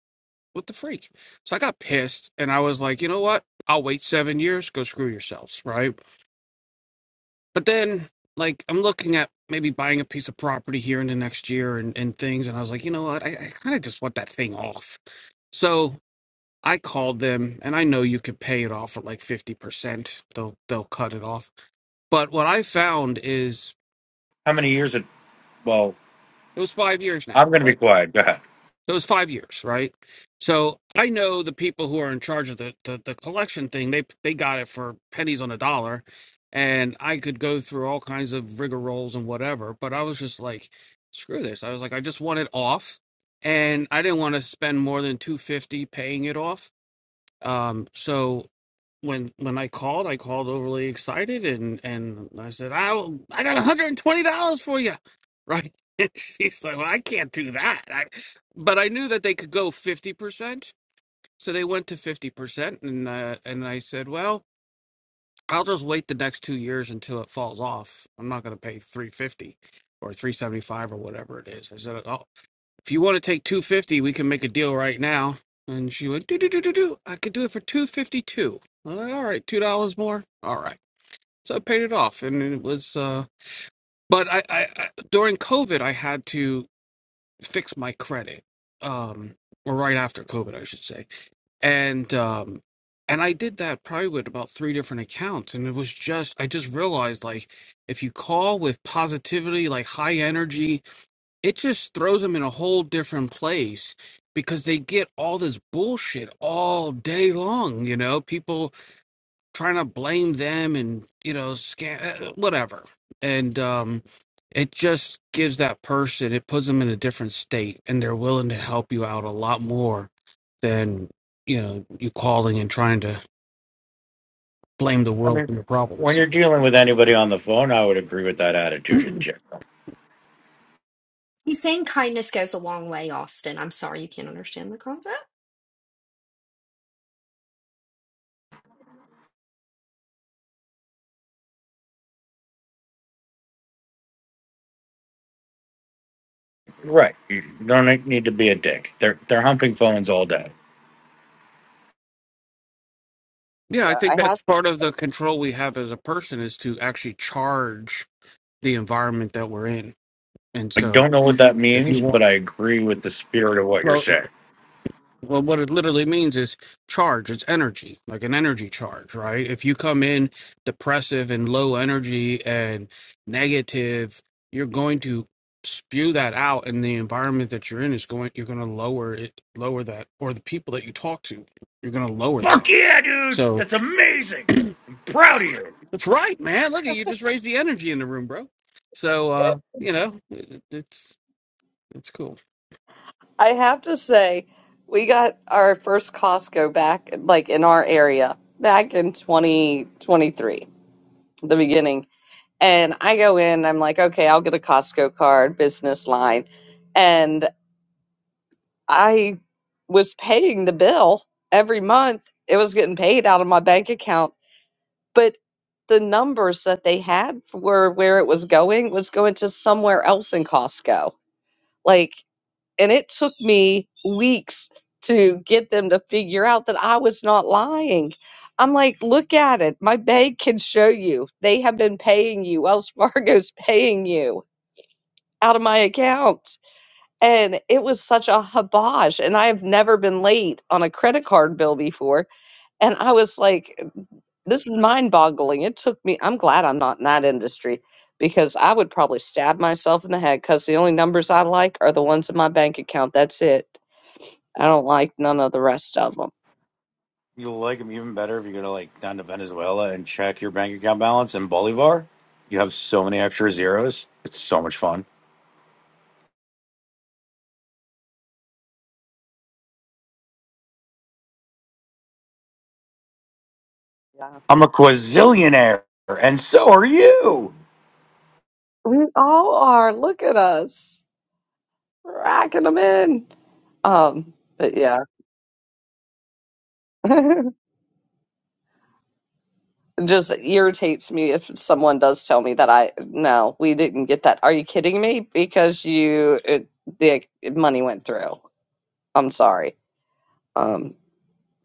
Speaker 5: What the freak? So I got pissed and I was like, you know what? I'll wait seven years, go screw yourselves, right? But then like I'm looking at maybe buying a piece of property here in the next year and, and things, and I was like, you know what, I, I kinda just want that thing off. So I called them and I know you could pay it off at like fifty percent. They'll they'll cut it off. But what I found is
Speaker 11: How many years? It, well,
Speaker 5: it was five years now,
Speaker 11: I'm going to be
Speaker 5: right?
Speaker 11: quiet. Go ahead.
Speaker 5: So it was five years, right? So I know the people who are in charge of the, the, the collection thing, they they got it for pennies on a dollar. And I could go through all kinds of rigor rolls and whatever, but I was just like, screw this. I was like, I just want it off. And I didn't want to spend more than 250 paying it off. Um, so when when I called, I called overly excited and and I said, "I will- I got $120 for you." Right? And she's like, "Well, I can't do that." I, but I knew that they could go 50%, so they went to 50% and uh, and I said, "Well, I'll just wait the next 2 years until it falls off. I'm not going to pay 350 or 375 or whatever it is." I said, i if you want to take 250 we can make a deal right now and she went do do do do do i could do it for 252 I'm like, all right two dollars more all right so i paid it off and it was uh but I, I i during covid i had to fix my credit um or right after covid i should say and um and i did that probably with about three different accounts and it was just i just realized like if you call with positivity like high energy it just throws them in a whole different place because they get all this bullshit all day long you know people trying to blame them and you know scam whatever and um it just gives that person it puts them in a different state and they're willing to help you out a lot more than you know you calling and trying to blame the
Speaker 11: I
Speaker 5: world
Speaker 11: mean,
Speaker 5: for your
Speaker 11: when
Speaker 5: problems
Speaker 11: you're dealing with anybody on the phone, I would agree with that attitude in
Speaker 5: yeah
Speaker 11: general.
Speaker 6: He's saying kindness goes a long way, Austin. I'm sorry you can't understand the concept.
Speaker 11: Right. You don't need to be a dick. They're they're humping phones all day.
Speaker 5: i
Speaker 1: yeah,
Speaker 5: think
Speaker 1: I have,
Speaker 5: that's part of the control we have as a person is to actually charge the environment that we're in And
Speaker 11: I
Speaker 5: so
Speaker 11: don't know what that
Speaker 5: if
Speaker 11: means,
Speaker 5: you want,
Speaker 11: but I agree with the spirit of what you're
Speaker 5: well,
Speaker 11: saying.
Speaker 5: well, what it literally means is charge. It's energy, like an energy charge, right? If you come in depressive and low energy and negative, you're going to spew that out and the environment that you're in is going you're going to lower it lower that or the people that you talk to you're going to lower that
Speaker 11: Fuck yeah, dude!
Speaker 5: so
Speaker 11: That's amazing. I'm proud of you.
Speaker 5: that's right man look at you just raised the energy in the room bro so uh you know it, it's it's cool
Speaker 1: I have to say, we got our first Costco back, like in our area, back in 2023, the beginning. And I go in, I'm like, okay, I'll get a Costco card, business line, I was paying the bill every month. It was getting paid out of my bank account. But the numbers that they had for where it was going was going to somewhere else in Costco. Like, and it took me weeks to get them to figure out that I was not lying. I'm like, look at it. My bank can show you. They have been paying you. Wells Fargo's paying you out of my account and it was such a hibosh. And I have never been late on a credit card bill before. And I was like, this is mind boggling. It took me, I'm glad I'm not in that industry because I would probably stab myself in the head because the only numbers I like are the ones in my bank account. That's it. I don't like none of the rest of them.
Speaker 11: You'll like them even better if you go to like down to Venezuela and check your bank account balance in Bolivar. You have so many extra zeros. It's so much fun.
Speaker 1: Yeah.
Speaker 11: I'm a
Speaker 1: Yeah.
Speaker 11: quazillionaire, and so are you.
Speaker 1: We all are. Look at us racking them in. Um, but yeah. just irritates me if someone does tell me that I no, we didn't get that. Are you kidding me? Because you it, the money went through. I'm sorry. Um,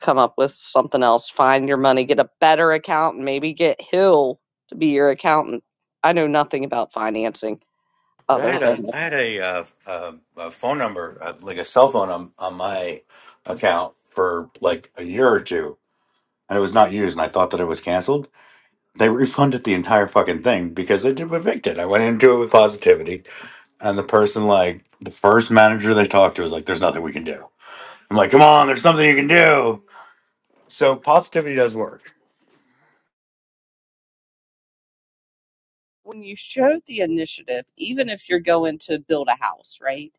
Speaker 1: come up with something else. Find your money. Get a better accountant. Maybe get Hill to be your accountant. I know nothing about financing
Speaker 11: I
Speaker 1: other
Speaker 11: had
Speaker 1: than
Speaker 11: a I had a, uh, uh a phone number, uh, like a cell phone, on, on my account for like a year or two, and it was not used. And I thought that it was canceled. They refunded the entire fucking thing because they did evict it. I went into it with positivity, and the person, like the first manager they talked to, was like, "There's nothing we can do." I'm like, come on, there's something you can do. So positivity does work.
Speaker 1: when you show the initiative, even if you're going to build a house, right?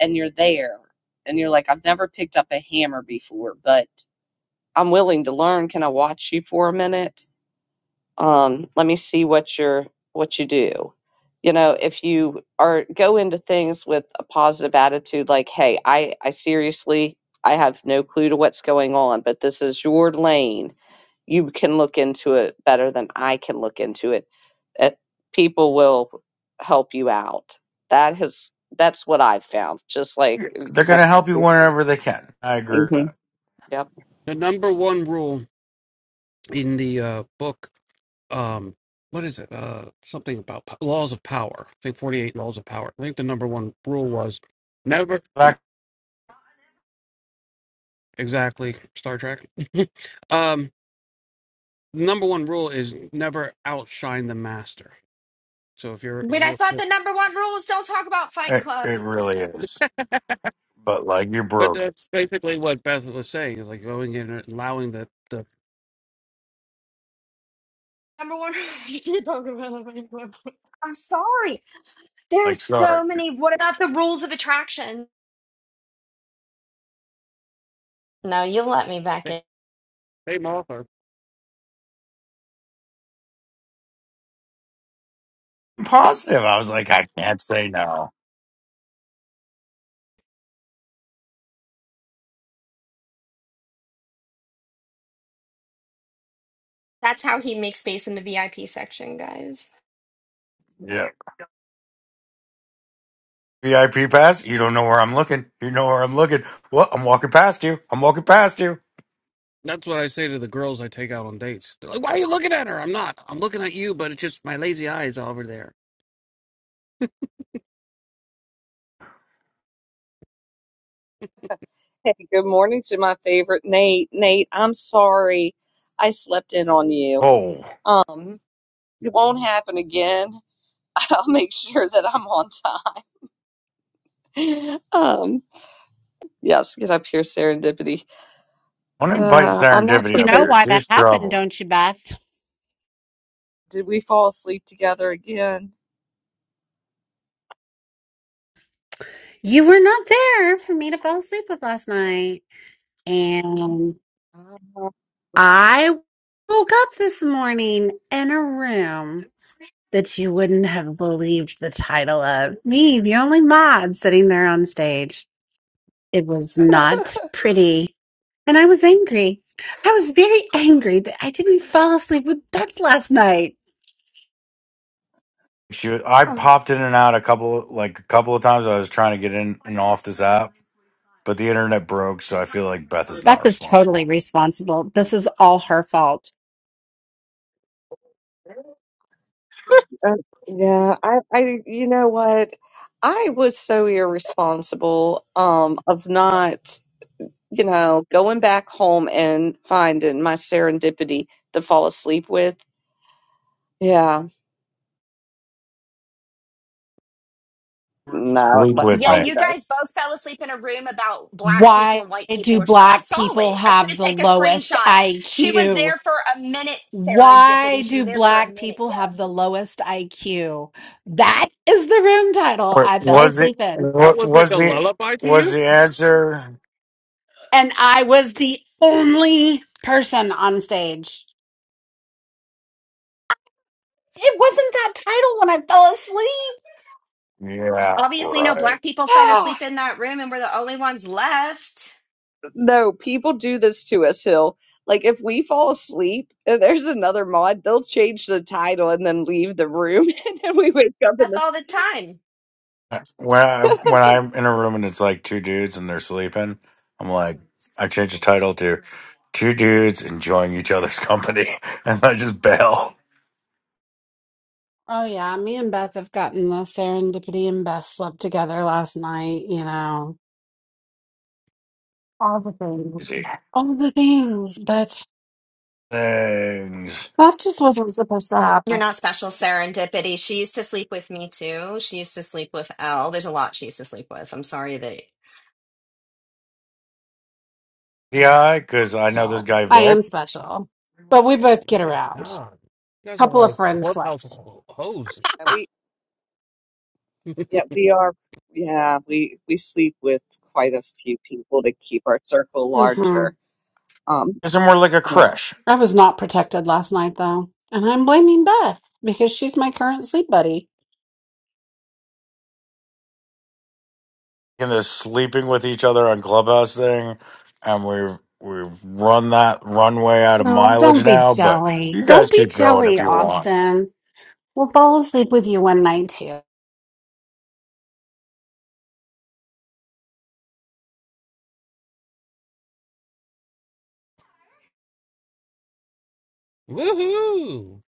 Speaker 1: And you're there and you're like, I've never picked up a hammer before, but I'm willing to learn. Can I watch you for a minute? Um, let me see what you're what you do. You know, if you are go into things with a positive attitude, like, hey, I, I seriously I have no clue to what's going on, but this is your lane. You can look into it better than I can look into it. It people will help you out. That has that's what I've found. Just like
Speaker 11: They're going to help you whenever they can. I agree with
Speaker 1: Mhm.
Speaker 11: that.
Speaker 5: the number one rule in the uh book um what is it uh something about po- laws of power i think 48 laws of power i think the number one rule was never
Speaker 11: That
Speaker 5: exactly star trek um number one rule is never outshine the master so if you're
Speaker 6: But I thought the number one rule is don't talk about Fight
Speaker 11: it,
Speaker 6: Club.
Speaker 11: it really is. But like, you're
Speaker 5: but
Speaker 11: broken.
Speaker 5: that's basically what beth was saying is like going in and allowing the the
Speaker 6: Number one, you can't talk about it. anymore. I'm sorry. There's
Speaker 11: Like, sorry.
Speaker 6: so many. What about the rules of attraction? No, you'll let me back in.
Speaker 5: same author
Speaker 11: Positive. I was like, I can't say no.
Speaker 6: That's how he makes space in the VIP section, guys.
Speaker 11: Yeah. VIP pass. You don't know where I'm looking. You know where I'm looking. What? I'm walking past you. I'm walking past you.
Speaker 5: that's what i say to the girls i take out on dates they're like why are you looking at her i'm not i'm looking at you but it's just my lazy eyes over there
Speaker 1: Hey, good morning to my favorite Nate. Nate, I'm sorry I slept in on you.
Speaker 11: Oh,
Speaker 1: Um, it won't happen again. I'll make sure that I'm on time. Um, yes, get up here, serendipity.
Speaker 11: I want to invite
Speaker 1: Uh, I'm not
Speaker 11: serendipity
Speaker 12: You
Speaker 11: up
Speaker 12: know
Speaker 1: supposed.
Speaker 11: here.
Speaker 12: why that
Speaker 11: She's
Speaker 12: happened,
Speaker 11: trouble.
Speaker 12: don't you, Beth?
Speaker 1: Did we fall asleep together again?
Speaker 12: You were not there for me to fall asleep with last night. And
Speaker 1: Uh,
Speaker 12: I woke up this morning in a room that you wouldn't have believed the title of. Me, the only mod sitting there on stage. It was not pretty. And I was angry. I was very angry that I didn't fall asleep with Beth last night.
Speaker 11: She. was- I popped in and out a couple, like a couple of times. I was trying to get in and off this app But the internet broke, so I feel like Beth is not
Speaker 12: Beth is totally
Speaker 11: responsible.
Speaker 12: responsible. This is all her fault.
Speaker 1: uh, yeah, I, I, you know what? I was so irresponsible, um, of not. you know, going back home and finding my serendipity to fall asleep with. Yeah. No,
Speaker 11: Sleep
Speaker 1: let
Speaker 11: with
Speaker 6: Yeah,
Speaker 1: tell
Speaker 11: me.
Speaker 1: me
Speaker 6: you
Speaker 1: that.
Speaker 6: guys both fell asleep in a room about black people
Speaker 12: Why
Speaker 6: and white
Speaker 12: do
Speaker 6: people or something. I
Speaker 12: black
Speaker 6: saw
Speaker 12: people
Speaker 6: it. I should
Speaker 12: have
Speaker 6: have
Speaker 12: the
Speaker 6: taken a
Speaker 12: lowest
Speaker 6: screenshot. She was
Speaker 12: IQ?
Speaker 6: there for a minute,
Speaker 12: Why
Speaker 6: serendipity. She was
Speaker 12: do
Speaker 6: there for a
Speaker 12: black
Speaker 6: minute.
Speaker 12: people
Speaker 6: Yeah.
Speaker 12: have the lowest IQ? That is the room title
Speaker 11: What
Speaker 12: I fell
Speaker 11: was it?
Speaker 12: asleep in.
Speaker 5: that
Speaker 11: What
Speaker 5: was like
Speaker 11: was
Speaker 5: a
Speaker 11: the
Speaker 5: lullaby to you
Speaker 11: was the answer?
Speaker 12: And I was the only person on stage. It wasn't that title when I fell asleep.
Speaker 11: Yeah,
Speaker 6: Obviously, no
Speaker 11: right.
Speaker 6: black people fell
Speaker 12: Oh,
Speaker 6: asleep in that room and we're the only ones left.
Speaker 1: No, people do this to us, Hill. Like if we fall asleep and there's another mod, they'll change the title and then leave the room and then we wake up in
Speaker 6: That's all the time.
Speaker 11: When I
Speaker 1: the
Speaker 11: when I'm in a room and it's like two dudes and they're sleeping, I'm like, I change the title to "Two dudes enjoying each other's company, and I just bail.
Speaker 12: oh yeah, me and Beth have gotten the serendipity and Beth slept together last night, you know. All the
Speaker 11: Easy
Speaker 12: things. All the things, but
Speaker 11: things.
Speaker 12: that just wasn't supposed to happen.
Speaker 6: You're not special, serendipity. She used to sleep with me too. She used to sleep with Elle. There's a lot she used to sleep with. I'm sorry that.
Speaker 11: Yeah, because I know this
Speaker 12: special.
Speaker 11: guy
Speaker 12: I
Speaker 11: Vic.
Speaker 12: am special. But we both get
Speaker 5: My
Speaker 12: around.
Speaker 5: God, you guys are
Speaker 12: Couple of
Speaker 5: like
Speaker 12: friend
Speaker 5: clubhouse
Speaker 12: slips.
Speaker 5: ho- hoes.
Speaker 1: we yeah, we are yeah, we we sleep with quite a few people to keep our circle
Speaker 12: hmm
Speaker 1: larger. Um
Speaker 11: Isn't more like a
Speaker 1: yeah.
Speaker 11: crush.
Speaker 12: I was not protected last night though. And I'm blaming Beth because she's my current sleep buddy.
Speaker 11: in this sleeping with each other on clubhouse thing and we've we've run that runway out of
Speaker 12: No, don't
Speaker 11: mileage
Speaker 12: be
Speaker 11: now but
Speaker 12: jelly.
Speaker 11: you
Speaker 12: Don't
Speaker 11: guys
Speaker 12: be
Speaker 11: keep going if
Speaker 12: jelly,
Speaker 11: you want
Speaker 12: Austin. We'll fall asleep with you one night too.
Speaker 5: Woohoo!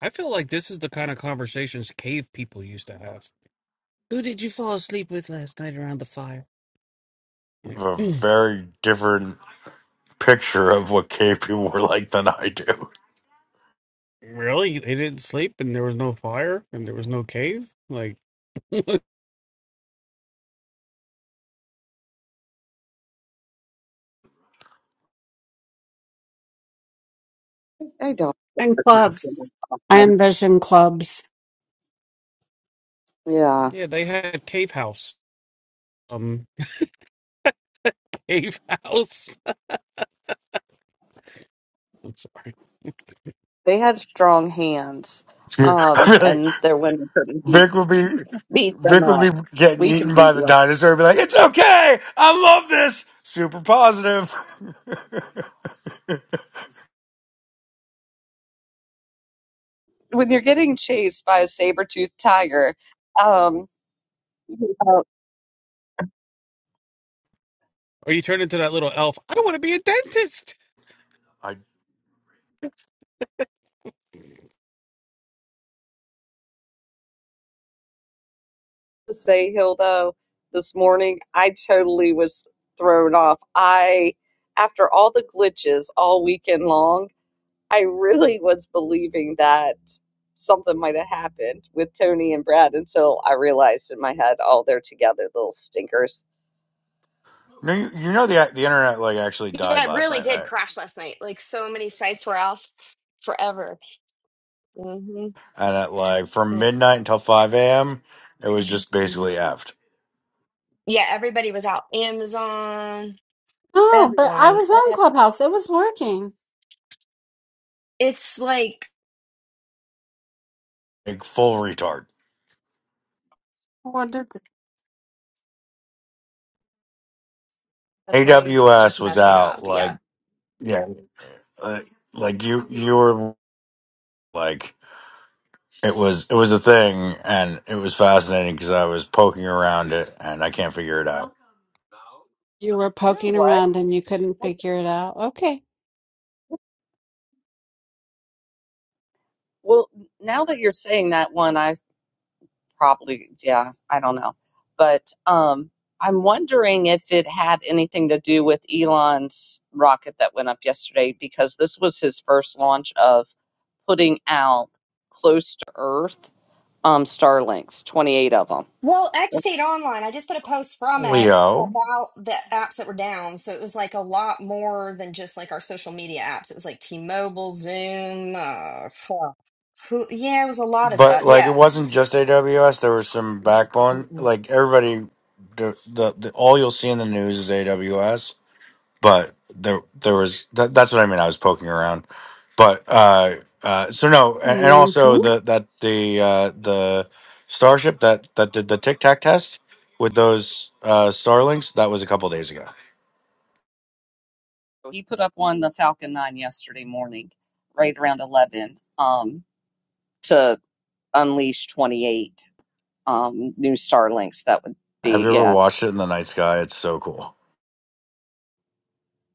Speaker 5: I feel like this is the kind of conversations cave people used to have. Who did you fall asleep with last night around the fire?
Speaker 11: I have a very different picture of what gay people were like than i do
Speaker 5: really? They didn't sleep, and there was no fire, and there was no cave. Like, yeah,
Speaker 1: I don't
Speaker 12: And clubs. I envision clubs.
Speaker 1: yeah.
Speaker 5: they had cave house. Um, cave house. I'm sorry.
Speaker 1: They have strong hands,
Speaker 11: i mean
Speaker 1: um,
Speaker 11: like
Speaker 1: and their women couldn't beat,
Speaker 11: vic would be
Speaker 1: beat them
Speaker 11: vic would
Speaker 1: up.
Speaker 11: be getting
Speaker 1: We can
Speaker 11: eaten
Speaker 1: beat
Speaker 11: by the
Speaker 1: you up.
Speaker 11: dinosaur and be like it's okay i love this super positive
Speaker 1: When you're getting chased by a saber-toothed tiger, um, uh,
Speaker 5: Or you turn into that little elf. I want to be a dentist.
Speaker 11: i
Speaker 1: to say, Hilda, this morning, I totally was thrown off. I, after all the glitches all weekend long, I really was believing that something might have happened with Tony and Brad until I realized in my head, oh, they're together, little stinkers.
Speaker 11: no, you, you know the the internet like actually died
Speaker 6: Yeah, it
Speaker 11: last
Speaker 6: really
Speaker 11: night right
Speaker 6: did crash last night. Like so many sites were off forever. hmm
Speaker 11: And at like from
Speaker 6: Yeah,
Speaker 11: midnight until 5 a.m., it was just
Speaker 6: hmm
Speaker 11: basically effed.
Speaker 6: yeah, everybody was out. Amazon,
Speaker 12: Oh, but I
Speaker 6: everyone.
Speaker 12: was on
Speaker 6: X.
Speaker 12: Clubhouse. It was working.
Speaker 6: It's like
Speaker 11: Like full retard.
Speaker 12: What did
Speaker 6: the place just
Speaker 11: AWS was
Speaker 6: messing up.
Speaker 11: out
Speaker 6: Yeah,
Speaker 11: like, yeah, like, like you, you were like, it was, it was a thing and it was fascinating because I was poking around it and I can't figure it out.
Speaker 12: you were
Speaker 1: You know
Speaker 12: poking
Speaker 1: what?
Speaker 12: around and you couldn't figure it out? Okay.
Speaker 1: Well, now that you're saying that one, I probably, yeah, I don't know. But um, I'm wondering if it had anything to do with Elon's rocket that went up yesterday, because this was his first launch of putting out close to Earth um, Starlinks, 28 of them.
Speaker 6: Well, X stayed online. I just put a post from X
Speaker 11: Leo.
Speaker 6: about the apps that were down. So it was like a lot more than just like our social media apps. It was like T-Mobile, Zoom, uh, fuck. who, yeah, it was a lot of
Speaker 11: But
Speaker 6: stuff.
Speaker 11: like it
Speaker 6: Yeah.
Speaker 11: wasn't just AWS. There was some backbone.
Speaker 6: Mm-mm.
Speaker 11: Like everybody, the the, the all you'll see in the news is AWS. But there there was that, that's what I mean. I was poking around, but uh, uh, so no, and, and
Speaker 12: hmm
Speaker 11: also
Speaker 12: Of
Speaker 11: the that the uh, the Starship that that did the Tic Tac test with those uh, Starlinks that was a couple days ago.
Speaker 1: He put up one, the Falcon 9, yesterday morning, right around 11, um, to unleash 28 um, new Starlinks. That would
Speaker 11: Have
Speaker 1: be,
Speaker 11: you ever
Speaker 1: yeah.
Speaker 11: watched it in the night sky? It's so cool.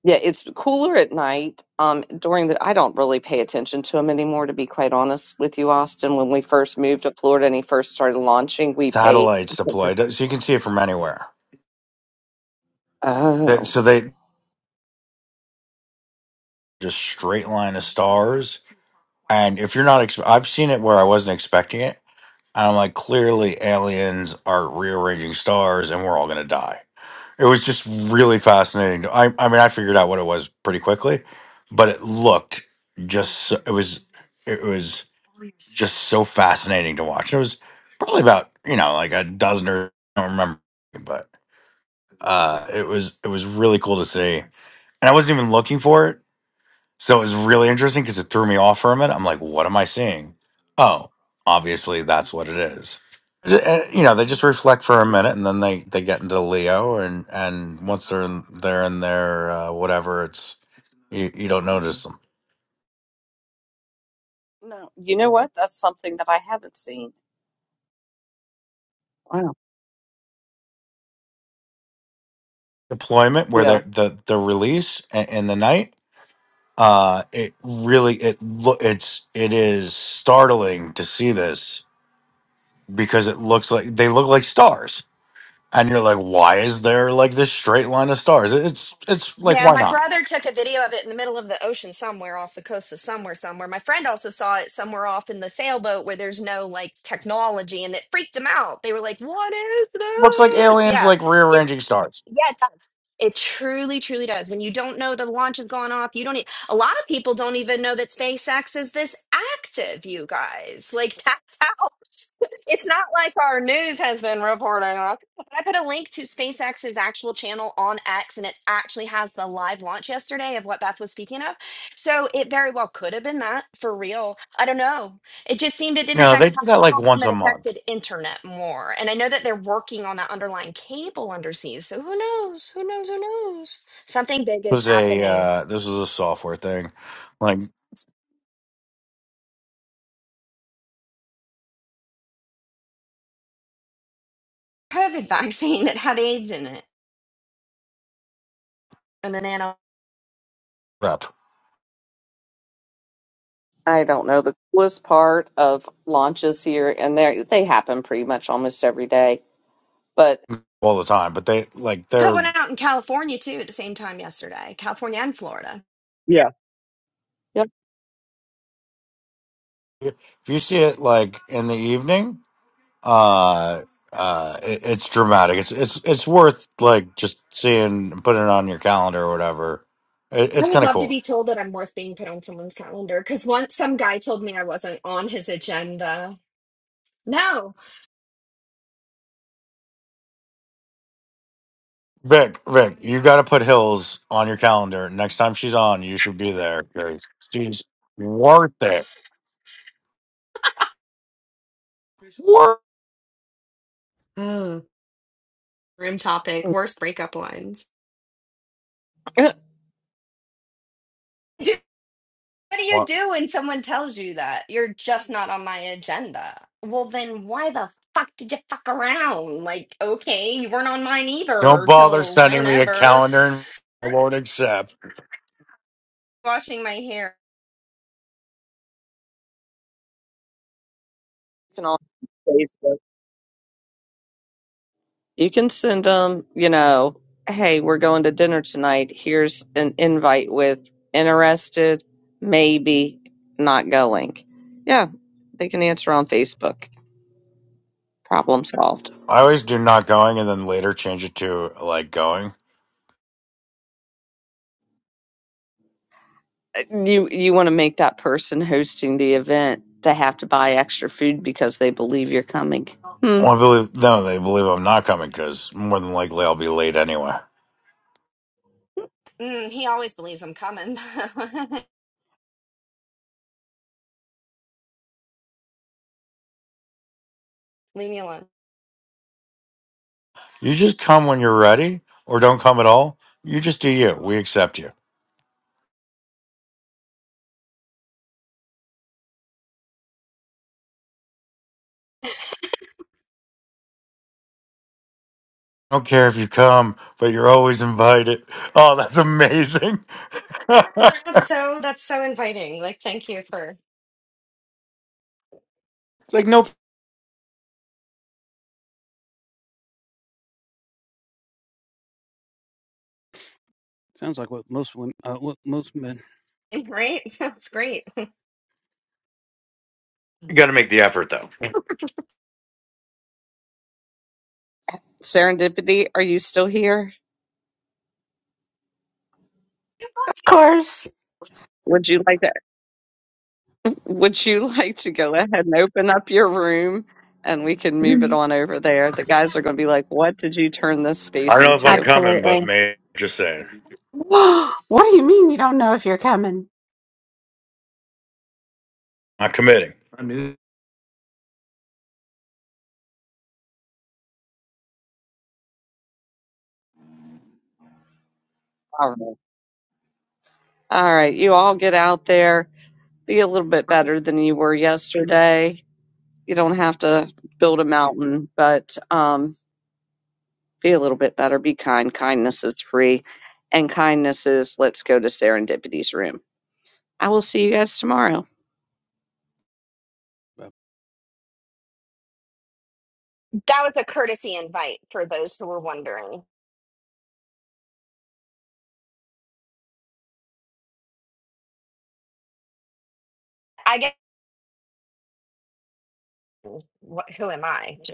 Speaker 1: Yeah, it's cooler at night. Um, during the, I don't really pay attention to them anymore, to be quite honest with you, Austin. When we first moved to Florida and he first started launching, we paid.
Speaker 11: Satellites deployed, so you can see it from anywhere. That-
Speaker 1: Oh,
Speaker 11: So they just straight line of stars And if you're not, ex- I've seen it where I wasn't expecting it. And I'm like, clearly aliens are rearranging stars and we're all going to die. It was just really fascinating. I, I mean, I figured out what it was pretty quickly, but it looked just, so, it was, it was just so fascinating to watch. It was probably about, you know, like a dozen or I don't remember, but uh, it was, it was really cool to see. And I wasn't even looking for it so it was really interesting because it threw me off for a minute. I'm like, what am I seeing? Oh, obviously that's what it is. Ju- uh, You know, they just reflect for a minute and then they, they get into Leo and, and once they're in, they're in their uh, whatever, it's you, you don't notice them.
Speaker 1: no, you know what? That's something that I haven't seen. Wow.
Speaker 11: Deployment where they
Speaker 1: Yeah,
Speaker 11: the the release in, in the night, uh, it really it lo- it's it is startling to see this because it looks like they look like stars and you're like, why is there like this straight line of stars? It- It's it's like
Speaker 6: Yeah,
Speaker 11: why
Speaker 6: my
Speaker 11: not?
Speaker 6: brother took a video of it in the middle of the ocean somewhere off the coast of somewhere, somewhere. My friend also saw it somewhere off in the sailboat where there's no like technology and it freaked them out. They were like, What is
Speaker 11: looks like
Speaker 6: this?
Speaker 11: aliens
Speaker 6: Yeah
Speaker 11: like
Speaker 6: it
Speaker 11: rearranging stars.
Speaker 6: Yeah, it does. It truly, truly does. When you don't know the launch has gone off, you don't. E- a lot of people don't even know that SpaceX is this active. You guys, like that's how. It's not like our news has been reporting on. I put a link to SpaceX's actual channel on X, and it actually has the live launch yesterday of what Beth was speaking of. So it very well could have been that for real. I don't know. It just seemed it didn't
Speaker 11: You know, they
Speaker 6: affect
Speaker 11: do that
Speaker 6: Telecom,
Speaker 11: like once a
Speaker 6: but
Speaker 11: month.
Speaker 6: affected internet more. And I know that they're working on that underlying cable undersea. So who knows? Who knows? Who knows? Something big
Speaker 11: It
Speaker 6: is
Speaker 11: was a
Speaker 6: happening.
Speaker 11: uh, this was a software thing, like
Speaker 6: COVID vaccine that had AIDS in it, and the nano
Speaker 11: rep
Speaker 1: I don't know. The coolest part of launches here and there, they happen pretty much almost every day. But
Speaker 11: all the time. But they like
Speaker 6: put
Speaker 11: they're
Speaker 6: one out in California too at the same time yesterday. California and Florida.
Speaker 1: yeah, yeah,
Speaker 11: if you see it like in the evening, uh, uh, it, it's dramatic. It's it's it's worth like just seeing, putting it on your calendar or whatever. It,
Speaker 6: I
Speaker 11: it's
Speaker 6: would
Speaker 11: kind of
Speaker 6: love to
Speaker 11: cool.
Speaker 6: be told that I'm worth being put on someone's calendar because once some guy told me I wasn't on his agenda. No.
Speaker 11: Vic, Vic, you got to put Hills on your calendar. Next time she's on, you should be there. 'Cause-
Speaker 6: Oh, room topic. Worst breakup lines.
Speaker 1: you
Speaker 6: What do you
Speaker 11: What?
Speaker 6: do when someone tells you that? You're just not on my agenda. Well, then why the fuck did you fuck around? Like, okay, you weren't on mine
Speaker 11: Don't
Speaker 6: either
Speaker 11: bother
Speaker 6: till
Speaker 11: sending me a
Speaker 6: whenever.
Speaker 11: calendar and I won't accept.
Speaker 6: Washing my hair.
Speaker 1: can all. You can send them, you know, hey, we're going to dinner tonight. Here's an invite with interested, maybe not going. Yeah, they can answer on Facebook. Problem solved.
Speaker 11: I always do not going and then later change it to like going.
Speaker 1: You you want to make that person hosting the event to have to buy extra food because they believe you're coming. Hmm.
Speaker 11: Well, I believe, no, they believe I'm not coming because more than likely I'll be late anyway.
Speaker 6: Mm, he always believes I'm coming. Leave me alone.
Speaker 11: You just come when you're ready or don't come at all. You just do you. We accept you. I don't care if you come, but you're always invited. Oh, that's amazing.
Speaker 6: That's
Speaker 11: it's
Speaker 6: so, that's so inviting. Like, thank you for,
Speaker 11: like, no
Speaker 5: Sounds like what most women, uh, what most men.
Speaker 6: right? That's great.
Speaker 11: You got to make the effort, though.
Speaker 1: Serendipity, are you still here?
Speaker 12: course.
Speaker 1: Would you like to Would you like to go ahead and open up your room and we can move it on over there? The guys are going to be like, What did you turn this
Speaker 11: I
Speaker 1: space
Speaker 11: don't know if I'm
Speaker 1: into?
Speaker 11: coming, but
Speaker 12: Absolutely.
Speaker 11: man, just saying,
Speaker 12: what do you mean you don't know if you're coming?
Speaker 11: I'm committing. I mean,
Speaker 1: All right. All right. You all get out there, be a little bit better than you were yesterday. You don't have to build a mountain, but um, be a little bit better. Be kind. Kindness is free. And kindness is let's go to Serendipity's room. I will see you guys tomorrow.
Speaker 6: That was a courtesy invite for those who were wondering. I guess, what, who am I? Just.